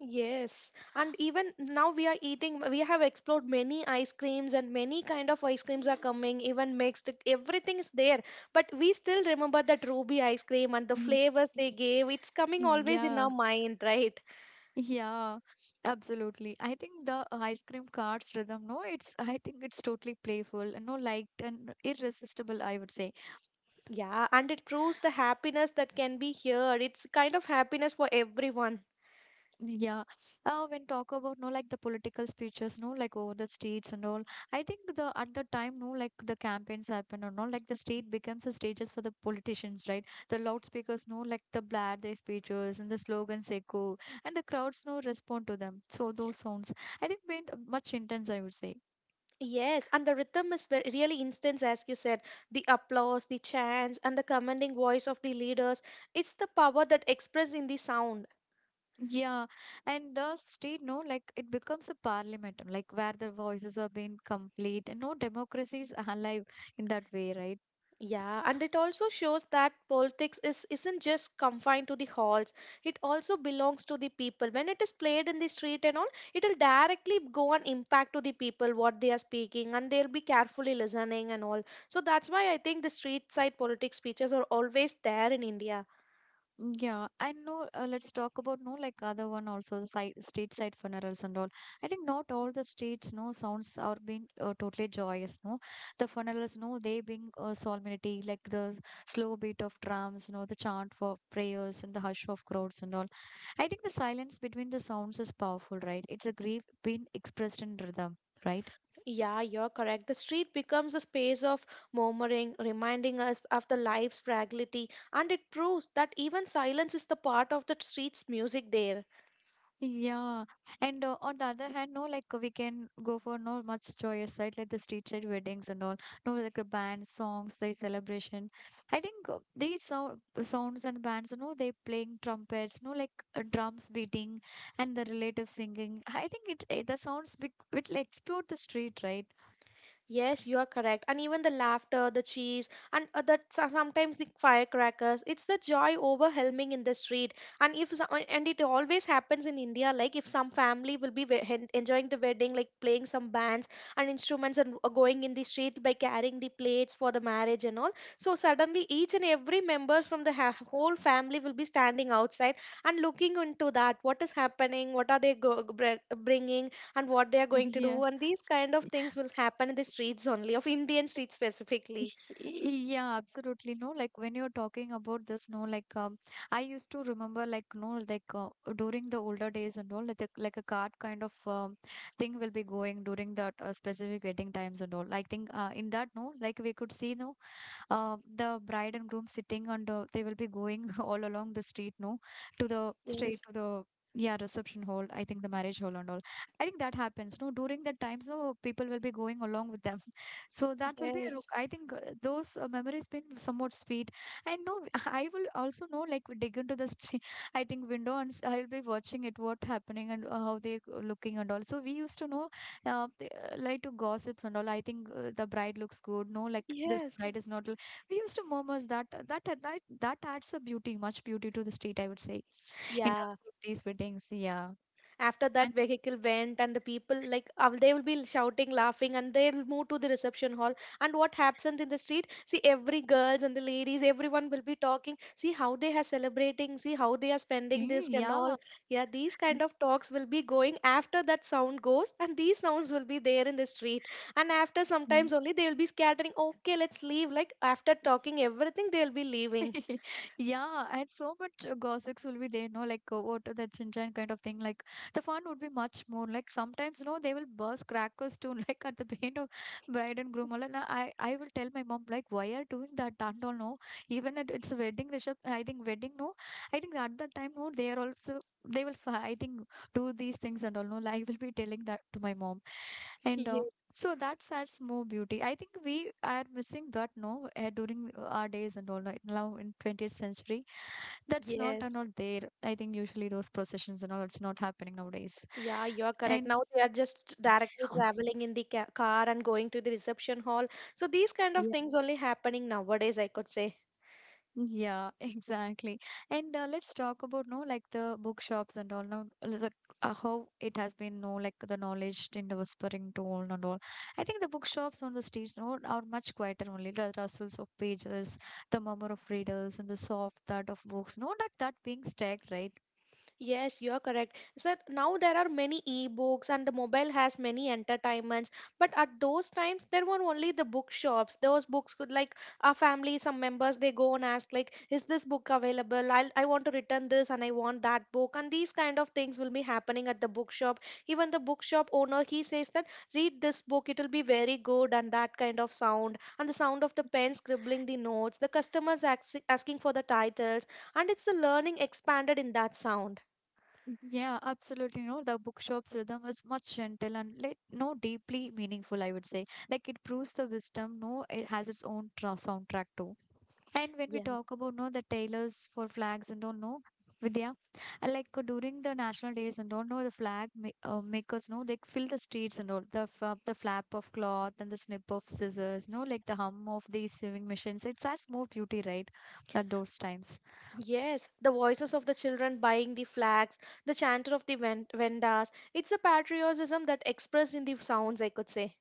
Yes. And even now we are eating we have explored many ice creams and many kind of ice creams are coming, even mixed, everything is there. But we still remember that Ruby ice cream and the flavors they gave. It's coming
Mhm.
always in
Yeah,
our mind, right?
yeah, absolutely. I think the ice cream carts rhythm, no, it's I think it's totally playful and no liked and irresistible, I would say.
Yeah, and it proves the happiness that can be here. It's kind of happiness for everyone.
Yeah. When talk about no like the political speeches, no like over the states and all. I think the at the time, no like the campaigns happen and all like the state becomes the stages for the politicians, right? The loudspeakers no like the blare their speeches and the slogans echo and the crowds no respond to them. So those sounds I think went much intense, I would say.
Yes, and the rhythm is very, really instant, as you said. The applause, the chants, and the commanding voice of the leaders. It's the power that expressed in the sound.
Yeah, and the state, no, like it becomes a parliament, like where the voices are being complete, and no democracy is alive in that way, right?
Yeah, and it also shows that politics is isn't just confined to the halls. It also belongs to the people. When it is played in the street and all, it'll directly go and impact to the people what they are speaking, and they'll be carefully listening and all. So that's why I think the street side politics speeches are always there in India.
Yeah, I know. Let's talk about no like other one also the side street side funerals and all. I think not all the streets no sounds are being totally joyous. No, the funerals no they being solemnity like the slow beat of drums. No the chant for prayers and the hush of crowds and all. I think the silence between the sounds is powerful, right? It's a grief being expressed in rhythm, right?
Yeah, you're correct. The street becomes a space of murmuring, reminding us of the life's fragility, and it proves that even silence is the part of the street's music there.
Yeah, and on the other hand, no, like we can go for no much joyous side, like the street side weddings and all. No, like a band songs, the celebration. I think these sounds and bands, you know, they playing trumpets, no, like drums beating and the relative singing. I think it, it the sounds it will explode the street, right?
Yes, you are correct. And even the laughter, the cheese, and that sometimes the firecrackers, it's the joy overwhelming in the street. And if and it always happens in India, like if some family will be enjoying the wedding, like playing some bands and instruments and going in the street by carrying the plates for the marriage and all. So suddenly each and every member from the whole family will be standing outside and looking into that. What is happening? What are they bringing? And what they are going to
Yeah.
do and these kind of things will happen in the streets only of Indian streets specifically.
Yeah, absolutely. No, like when you're talking about this, no, like I used to remember, like no, like during the older days and all, like a card kind of thing will be going during that specific waiting times and all. I think in that, no, like we could see, no, the bride and groom sitting on the they will be going all along the street no to the straight
Yes,
to the yeah reception hall. I think the marriage hall and all. I think that happens no during that time so people will be going along with them so that will be a
yes,
I think those memories been somewhat sweet and no I will also know like dig into the street. I think window and I will be watching it what happening and how they looking and all, so we used to know like to gossips and all. I think the bride looks good no like this
yes,
bride is not, we used to murmurs that that adds a beauty much beauty to the street I would say, in terms
yeah.
of these weddings. Yeah
After that
and
vehicle went and the people like they will be shouting laughing and they'll move to the reception hall and what happens in the street see every girls and the ladies everyone will be talking see how they are celebrating see how they are spending this and all
yeah
yeah these kind
and-
of talks will be going after that sound goes and these sounds will be there in the street and after
yeah.
sometimes only they will be scattering okay let's leave like after talking everything they will be leaving.
Yeah, and so much gossips will be there, no, like what the chinchan kind of thing. Like the fun would be much more. Like sometimes, no, they will burst crackers too, like at the paint of bride and groom. All, and I will tell my mom like, why are doing that? Don't all know even at it's a wedding reception. I think wedding no, I think at that time no, they are also they will I think do these things and all no. Like, I will be telling that to my mom, and
Ye-
so that adds more beauty. I think we are missing that no during our days and all like now in 20th century. That's not are
yes.
not there. I think usually those processions and all it's not happening nowadays.
Yeah, you are correct.
And
Now they are just directly traveling in the ca car and going to the reception hall. So these kind of things only happening nowadays, I could say.
yeah, exactly. And let's talk about no like the bookshops and all now like how it has been no like the knowledge in the whispering tone and all. I think the bookshops on the streets no are much quieter, only the rustles of pages, the murmur of readers, and the soft thud of books. No, like that being stacked, right?
Yes, you are correct. Sir, now there are many e-books and the mobile has many entertainments. But at those times, there were only the bookshops. Those books could like our family, some members, they go and ask like, is this book available? I want to return this and I want that book. And these kind of things will be happening at the bookshop. Even the bookshop owner, he says that read this book, it will be very good and that kind of sound and the sound of the pen
Ye-
scribbling the notes, the customers asking for the titles, and it's the learning expanded in that sound.
Yeah, absolutely. No, the bookshop's rhythm is much gentle and like no deeply meaningful. I would say like it proves the wisdom. No, it has its own tra soundtrack too. And when we
Yeah.
talk about no the tailors for flags and don't know Vidya, like during the national days and don't know the flag ma makers know they fill the streets and all the f the flap of cloth and the snip of scissors, no like the hum of these sewing machines. It's adds more beauty, right? At those times.
Yes, the voices of the children buying the flags, the chanter of the vendas. It's a patriotism that expressed in the sounds, I could say.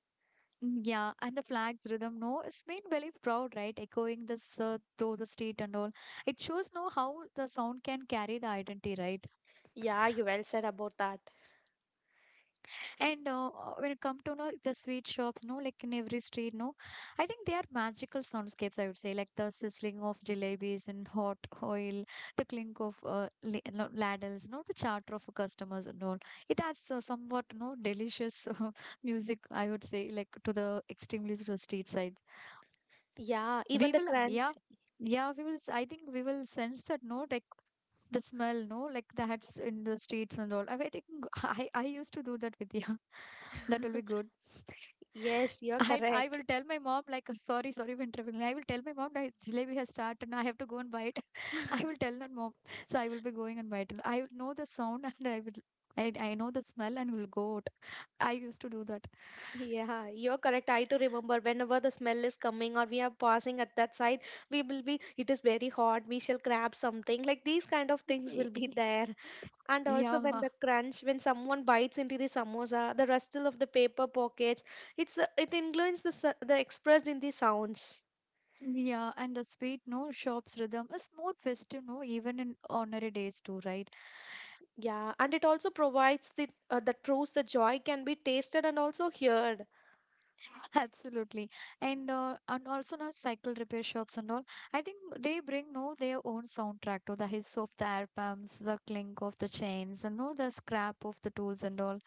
Mm, yeah, and the flag's rhythm, no, it's made very proud, right? Echoing this through the street and all. It shows no how the sound can carry the identity, right?
Yeah, you well said about that.
And when it come to know the sweet shops, no, like in every street, no, I think they are magical soundscapes. I would say like the sizzling of jalebis in hot oil, the clink of no, ladles, no, the chatter of customers and all. It adds somewhat no delicious music. I would say like to the extremely to the street side.
Yeah,
We
even the
will, yeah.
crunch.
Yeah, we will. I think we will sense that no, like the smell no like the hats in the streets and all I mean, I think I used to do that with yeah. That will be good.
Yes, you're
I will
correct.
tell my mom like, sorry, sorry for interrupting, I will tell my mom that jalebi has started and I have to go and buy it. I will tell her mom, so I will be going and buy it. I will know the sound and I will, I know the smell and will go out. I used to do that.
Yeah, you're correct. I too remember whenever the smell is coming or we are passing at that side, we will be, it is very hot, we shall grab something. Like these kind of things
Y-
will be
y-
there. And also when
yeah,
the crunch, when someone bites into the samosa, the rustle of the paper pockets, it's it includes the the expressed in the sounds.
yeah, and the sweet no shops rhythm is more festive no even in ordinary days too, right?
Yeah, and it also provides the that proves the joy can be tasted and also heard.
Absolutely. And also now cycle repair shops and all. I think they bring no their own soundtrack to the hiss of the air pumps, the clink of the chains, and no the scrap of the tools and all.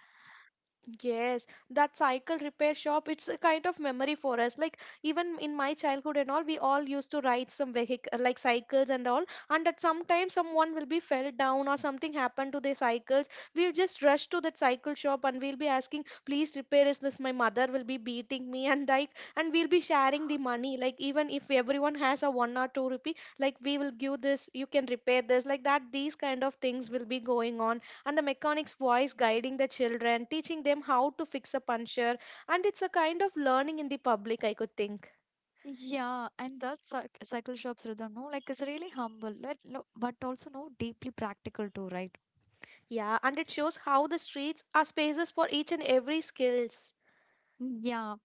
Yes, that cycle repair shop, it's a kind of memory for us. Like even in my childhood and all, we all used to ride some vehicle like cycles and all, and at some time someone will be fell down or something happened to their cycles. We'll just rush to that cycle shop and we'll be asking, please repair is this? My mother will be beating me and like and we'll be sharing the money. Like even if everyone has a one or two rupee, like we will give this, you can repair this, like that, these kind of things will be going on and the mechanic's voice guiding the children, teaching them how to fix a puncture. And it's a kind of learning in the public, I could think.
Yeah, and that cycle shop's rhythm, no, like it's really humble, like, no, but also no deeply practical too, right?
Yeah, and it shows how the streets are spaces for each and every skills.
Yeah.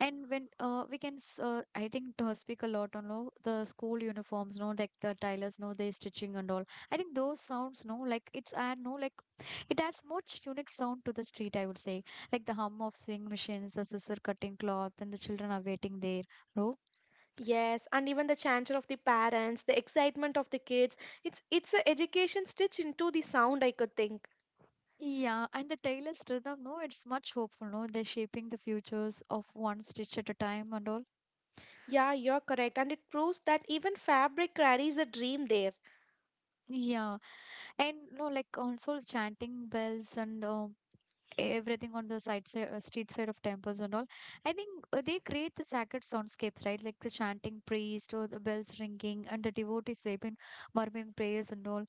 And when I think, speak a lot on all the school uniforms, no, like the tailors, no, they stitching and all. I think those sounds, no, like it's add, no, like it adds much unique sound to the street, I would say. Like the hum of sewing machines, the scissor cutting cloth, and the children are waiting there, no?
Yes, and even the chanter of the parents, the excitement of the kids. It's a education stitched into the sound, I could think.
Yeah, and the tailor's rhythm, no, it's much hopeful, no? They're shaping the futures of one stitch at a time and all.
Yeah, you're correct. And it proves that even fabric carries a dream there.
Yeah, and no, like also chanting bells and everything on the side street side of temples and all. I think they create the sacred soundscapes, right? Like the chanting priest or the bells ringing and the devotees they've been murmuring prayers and all.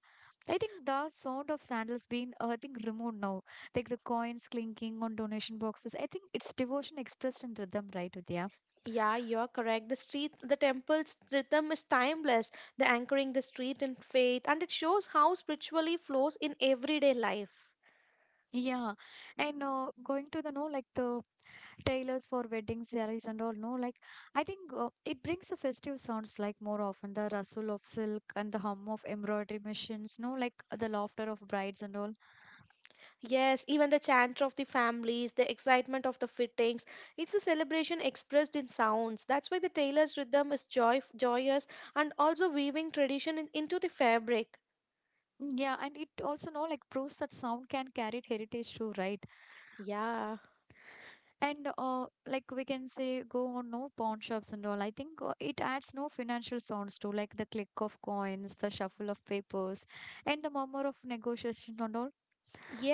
I think the sound of sandals being I think removed now, like the coins clinking on donation boxes. I think it's devotion expressed in rhythm, right? With yeah,
Yeah, you're correct. The street, the temple's rhythm is timeless. The anchoring the street in faith, and it shows how spiritually flows in everyday life.
yeah. And going to the no like the tailors for wedding sarees and all, no like I think it brings the festive sounds like more often the rustle of silk and the hum of embroidery machines no like the laughter of brides and all.
Yes, even the chant of the families, the excitement of the fittings, it's a celebration expressed in sounds. That's why the tailor's rhythm is joy, joyous and also weaving tradition in, into the fabric.
Mm, yeah, and it also no like proves that sound can carry heritage too, right?
Yeah.
And like we can say go on no pawn shops and all. I think it adds no financial sounds to like the click of coins, the shuffle of papers and the murmur of negotiations and all.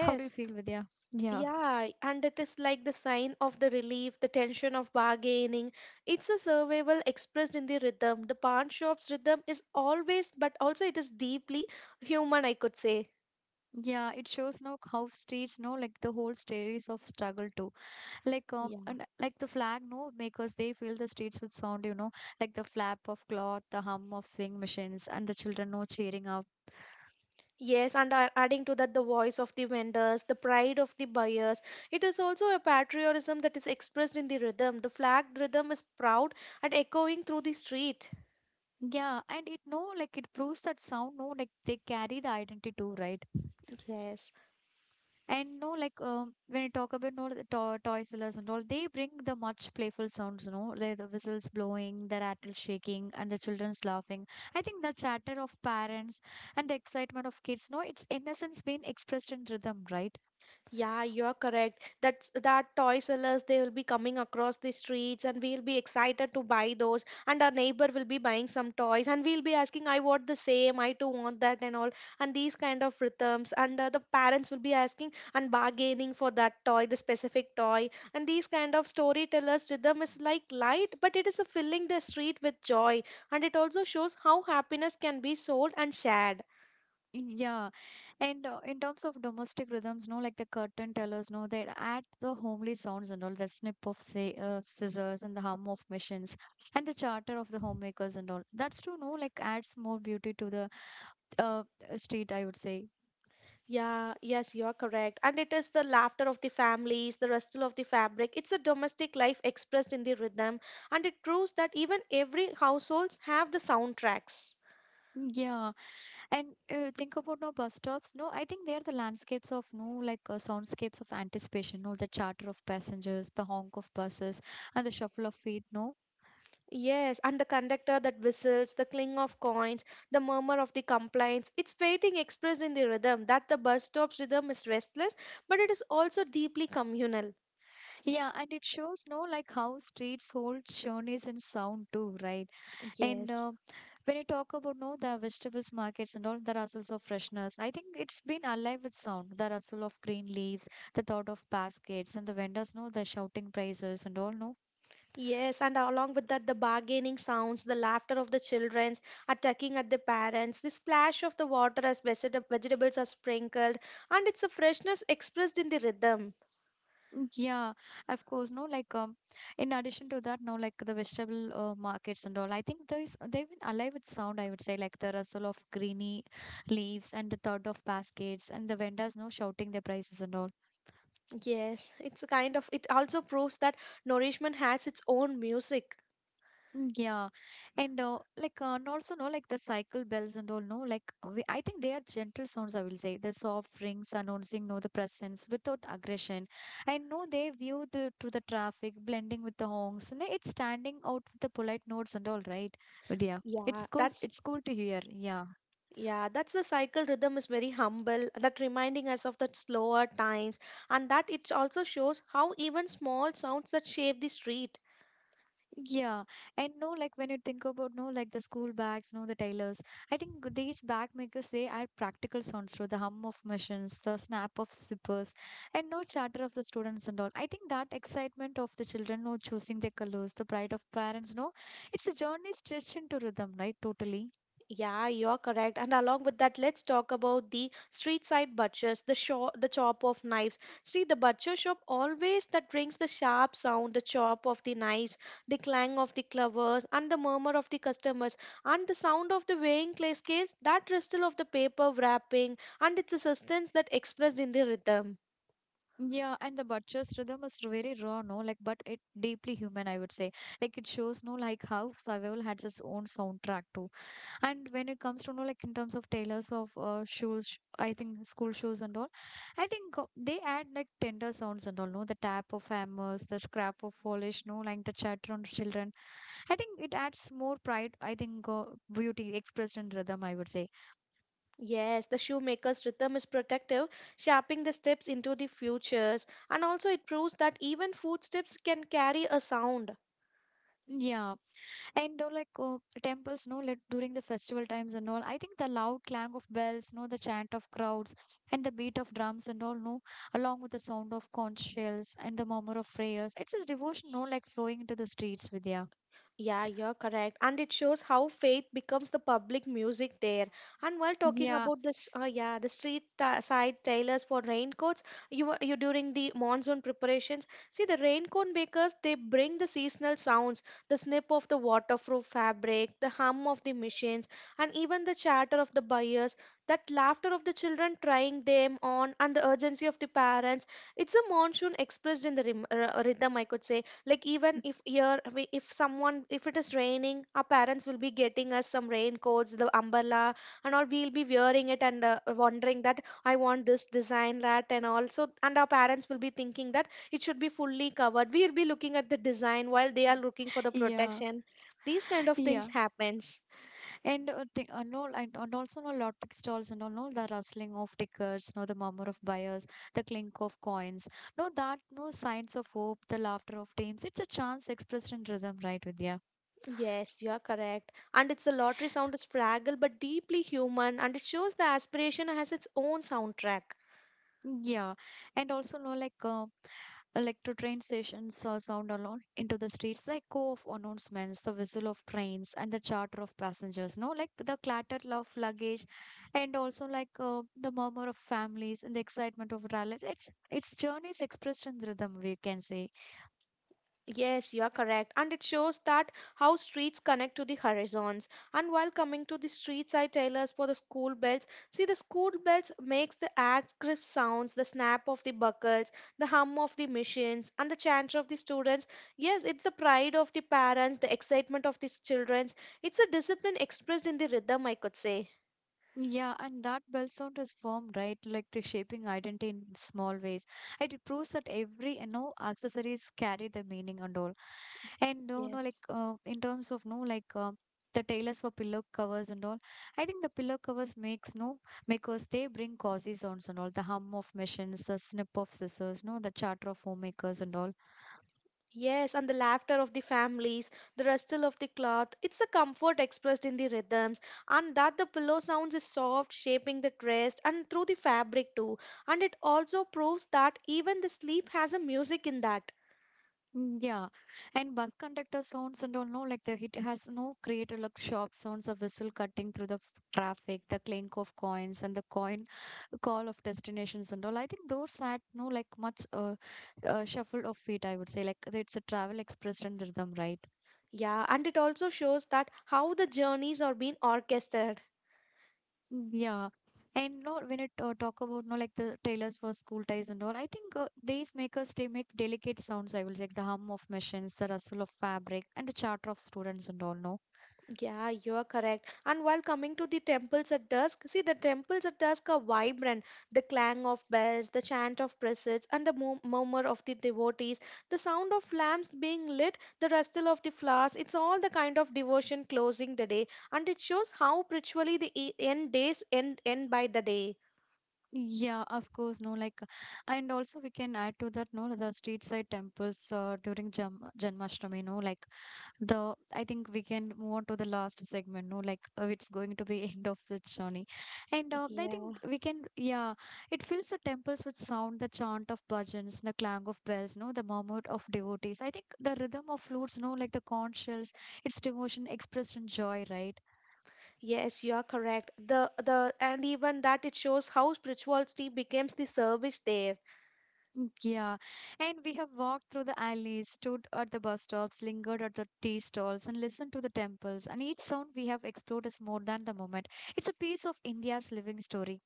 How do you feel, Vidya? Yeah.
Yeah, and it is like the sign of the relief, the tension of bargaining. It's a survival expressed in the rhythm. The pawn shop's rhythm is always, but also it is deeply human, I could say.
Yeah, it shows no how streets no like the whole stories of struggle too. Like
Yeah.
and like the flag no makers they fill the streets with sound, you know, like the flap of cloth, the hum of swing machines and the children no cheering up.
Yes, and adding to that, the voice of the vendors, the pride of the buyers. It is also a patriotism that is expressed in the rhythm. The flag rhythm is proud and echoing through the street.
Yeah, and it no like it proves that sound no like they carry the identity too, right?
Yes.
And no, like when you talk about no the to toy sellers and all, they bring the much playful sounds. You know, like the whistles blowing, the rattle shaking, and the children's laughing. I think the chatter of parents and the excitement of kids. No, it's innocence being expressed in rhythm, right?
Yeah, you're correct. That's that toy sellers they will be coming across the streets and we'll be excited to buy those and our neighbor will be buying some toys and we'll be asking I want the same, I too want that and all and these kind of rhythms and the parents will be asking and bargaining for that toy, the specific toy and these kind of storytellers rhythm is like light but it is a filling the street with joy and it also shows how happiness can be sold and shared.
Yeah, and in terms of domestic rhythms, no, like the curtain tellers, no, they add the homely sounds and all the snip of say, scissors and the hum of machines and the charter of the homemakers and all. That's true, no, like adds more beauty to the uh, uh, street, I would say.
Yeah, yes, you're correct. And it is the laughter of the families, the rustle of the fabric. It's a domestic life expressed in the rhythm, and it proves that even every households have the soundtracks.
Yeah, and think about no bus stops. No, I think they are the landscapes of no like soundscapes of anticipation. No, the chatter of passengers, the honk of buses, and the shuffle of feet. No,
Yes, and the conductor that whistles, the cling of coins, the murmur of the complaints. It's waiting expressed in the rhythm that the bus stop's rhythm is restless, but it is also deeply communal.
yeah, and it shows no like how streets hold journeys in sound too, right? And
Yes.
when you talk about no the vegetables markets and all the rustles of freshness, I think it's been alive with sound. The rustle of green leaves, the thought of baskets, and the vendors know the shouting prices and all. No,
Yes, and along with that, the bargaining sounds, the laughter of the children, attacking at the parents, the splash of the water as vegetables are sprinkled, and it's a freshness expressed in the rhythm.
yeah, of course. No, like in addition to that, no, like the vegetable markets and all. I think there is they've been alive with sound. I would say like the rustle of greeny leaves and the thud of baskets and the vendors no shouting their prices and all.
Yes, it's a kind of, it also proves that nourishment has its own music.
Yeah, and and also no like the cycle bells and all no like we, I think they are gentle sounds I will say the soft rings announcing no the presence without aggression and no they view the to the traffic blending with the honks and it's standing out with the polite notes and all right but yeah
Yeah,
it's cool
that's.
it's cool to hear yeah.
Yeah, that's the cycle rhythm is very humble, that reminding us of the slower times, and that it also shows how even small sounds that shape the street.
Yeah, and no, like when you think about no, like the school bags, no, the tailors. I think these bag makers they add practical sounds through the hum of machines, the snap of zippers, and no chatter of the students and all. I think that excitement of the children, no, choosing their colors, the pride of parents, no, it's a journey stretched into rhythm, right? Totally.
Yeah, you're correct. And along with that, let's talk about the street side butchers, the shop, the chop of knives. See, the butcher shop always that brings the sharp sound, the chop of the knives, the clang of the clovers, and the murmur of the customers, and the sound of the weighing clay scales, that rustle of the paper wrapping, and its assistance that expressed in the rhythm.
Yeah, and the butcher's rhythm is very raw, no, like but it deeply human, I would say. Like it shows, no, like how survival has its own soundtrack too. And when it comes to, you know, like in terms of tailors of shoes, I think school shoes and all, I think they add like tender sounds and all, no? The tap of hammers, the scrap of polish, no? Like the chatter on children. I think it adds more pride, I think, beauty expressed in rhythm, I would say.
Yes, the shoemaker's rhythm is protective, shaping the steps into the futures, and also it proves that even footsteps can carry a sound.
Yeah. And temples, no, like during the festival times and all, I think the loud clang of bells, no, the chant of crowds, and the beat of drums and all, no, along with the sound of conch shells and the murmur of prayers, it's a devotion, no, like flowing into the streets, Vidya.
Yeah, you're correct. And it shows how faith becomes the public music there. And while talking
Yeah,
about this, yeah, the street ta side tailors for raincoats, you during the monsoon preparations, see the raincoat makers, they bring the seasonal sounds, the snip of the waterproof fabric, the hum of the machines, and even the chatter of the buyers, that laughter of the children trying them on, and the urgency of the parents. It's a monsoon expressed in the rhythm, rhythm, I could say like even if here if someone if it is raining our parents will be getting us some raincoats the umbrella and all we'll be wearing it and wondering that I want this design that and also and our parents will be thinking that it should be fully covered we'll be looking at the design while they are looking for the
yeah,
protection these kind of things
yeah,
happens.
and no, and also no lottery stalls and all, no, the rustling of tickets, no, the murmur of buyers, the clink of coins, no, that, no signs of hope, the laughter of teams. It's a chance expressed in rhythm, right, Vidya?
Yes, you are correct. And it's a lottery sound is fragile but deeply human and it shows the aspiration has its own soundtrack.
Yeah, and also no like to train stations sound alone into the streets, like echo of announcements, the whistle of trains, and the charter of passengers. No, like the clatter of luggage, and also like the murmur of families and the excitement of rallies. It's its journey is expressed in rhythm. We can say.
Yes, you are correct. And it shows that how streets connect to the horizons. And while coming to the street side tailors for the school bells, see the school bells makes the ads crisp sounds, the snap of the buckles, the hum of the machines, and the chant of the students. Yes, it's the pride of the parents, the excitement of the children. It's a discipline expressed in the rhythm, I could say.
Yeah, and that bell sound is firm, right? Like to shaping identity in small ways. And it proves that every, you know, accessories carry the meaning and all. And you know, like
Yes.
in terms of no, like the tailors for pillow covers and all. I think the pillow covers makes no makers. They bring cozy sounds and all. The hum of machines, the snip of scissors, no, the chatter of homemakers and all.
Yes, and the laughter of the families, the rustle of the cloth, it's the comfort expressed in the rhythms, and that the pillow sounds is soft, shaping the rest and through the fabric too. And it also proves that even the sleep has a music in that.
Yeah, and bus conductor sounds and all, no, like the hit has no created like sharp sounds of whistle cutting through the traffic, the clink of coins and the coin call of destinations and all. I think those had no like much shuffle of feet, I would say. Like it's a travel expressed in rhythm, right?
Yeah, and it also shows that how the journeys are being orchestrated.
Yeah. And no, when it talk about no like the tailors for school ties and all, I think these makers they make delicate sounds. I will like the hum of machines, the rustle of fabric, and the chatter of students and all. No,
Yeah, you're correct. And while coming to the temples at dusk, see the temples at dusk are vibrant. The clang of bells, the chant of precepts, and the murmur of the devotees, the sound of lamps being lit, the rustle of the flowers, it's all the kind of devotion closing the day. And it shows how spiritually the end days end, end by the day.
yeah, of course, no, like, and also we can add to that, no, the street side temples during Jam Janmashtami, no, like the, I think we can move on to the last segment, no, like it's going to be end of the journey, and I
Yeah.
think we can, yeah, it fills the temples with sound, the chant of bhajans, the clang of bells, no, the murmur of devotees. I think the rhythm of flutes, no, like the conch shells, it's devotion expressed in joy, right?
Yes, you are correct. The and even that it shows how spirituality becomes the service there.
Yeah, and we have walked through the alleys, stood at the bus stops, lingered at the tea stalls, and listened to the temples. And each sound we have explored is more than the moment. It's a piece of India's living story.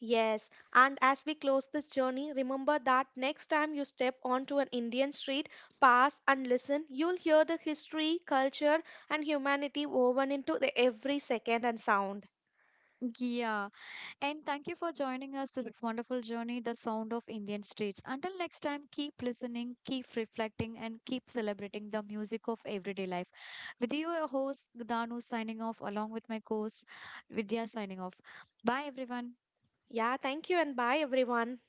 Yes, and as we close this journey, remember that next time you step onto an Indian street, pass and listen, you'll hear the history, culture, and humanity woven into the every second and sound.
Yeah, and thank you for joining us to this wonderful journey, the sound of Indian streets. Until next time, keep listening, keep reflecting, and keep celebrating the music of everyday life. With you, your host, Danu, signing off, along with my co host, Vidya, signing off. Bye, everyone.
Yeah, thank you and bye everyone.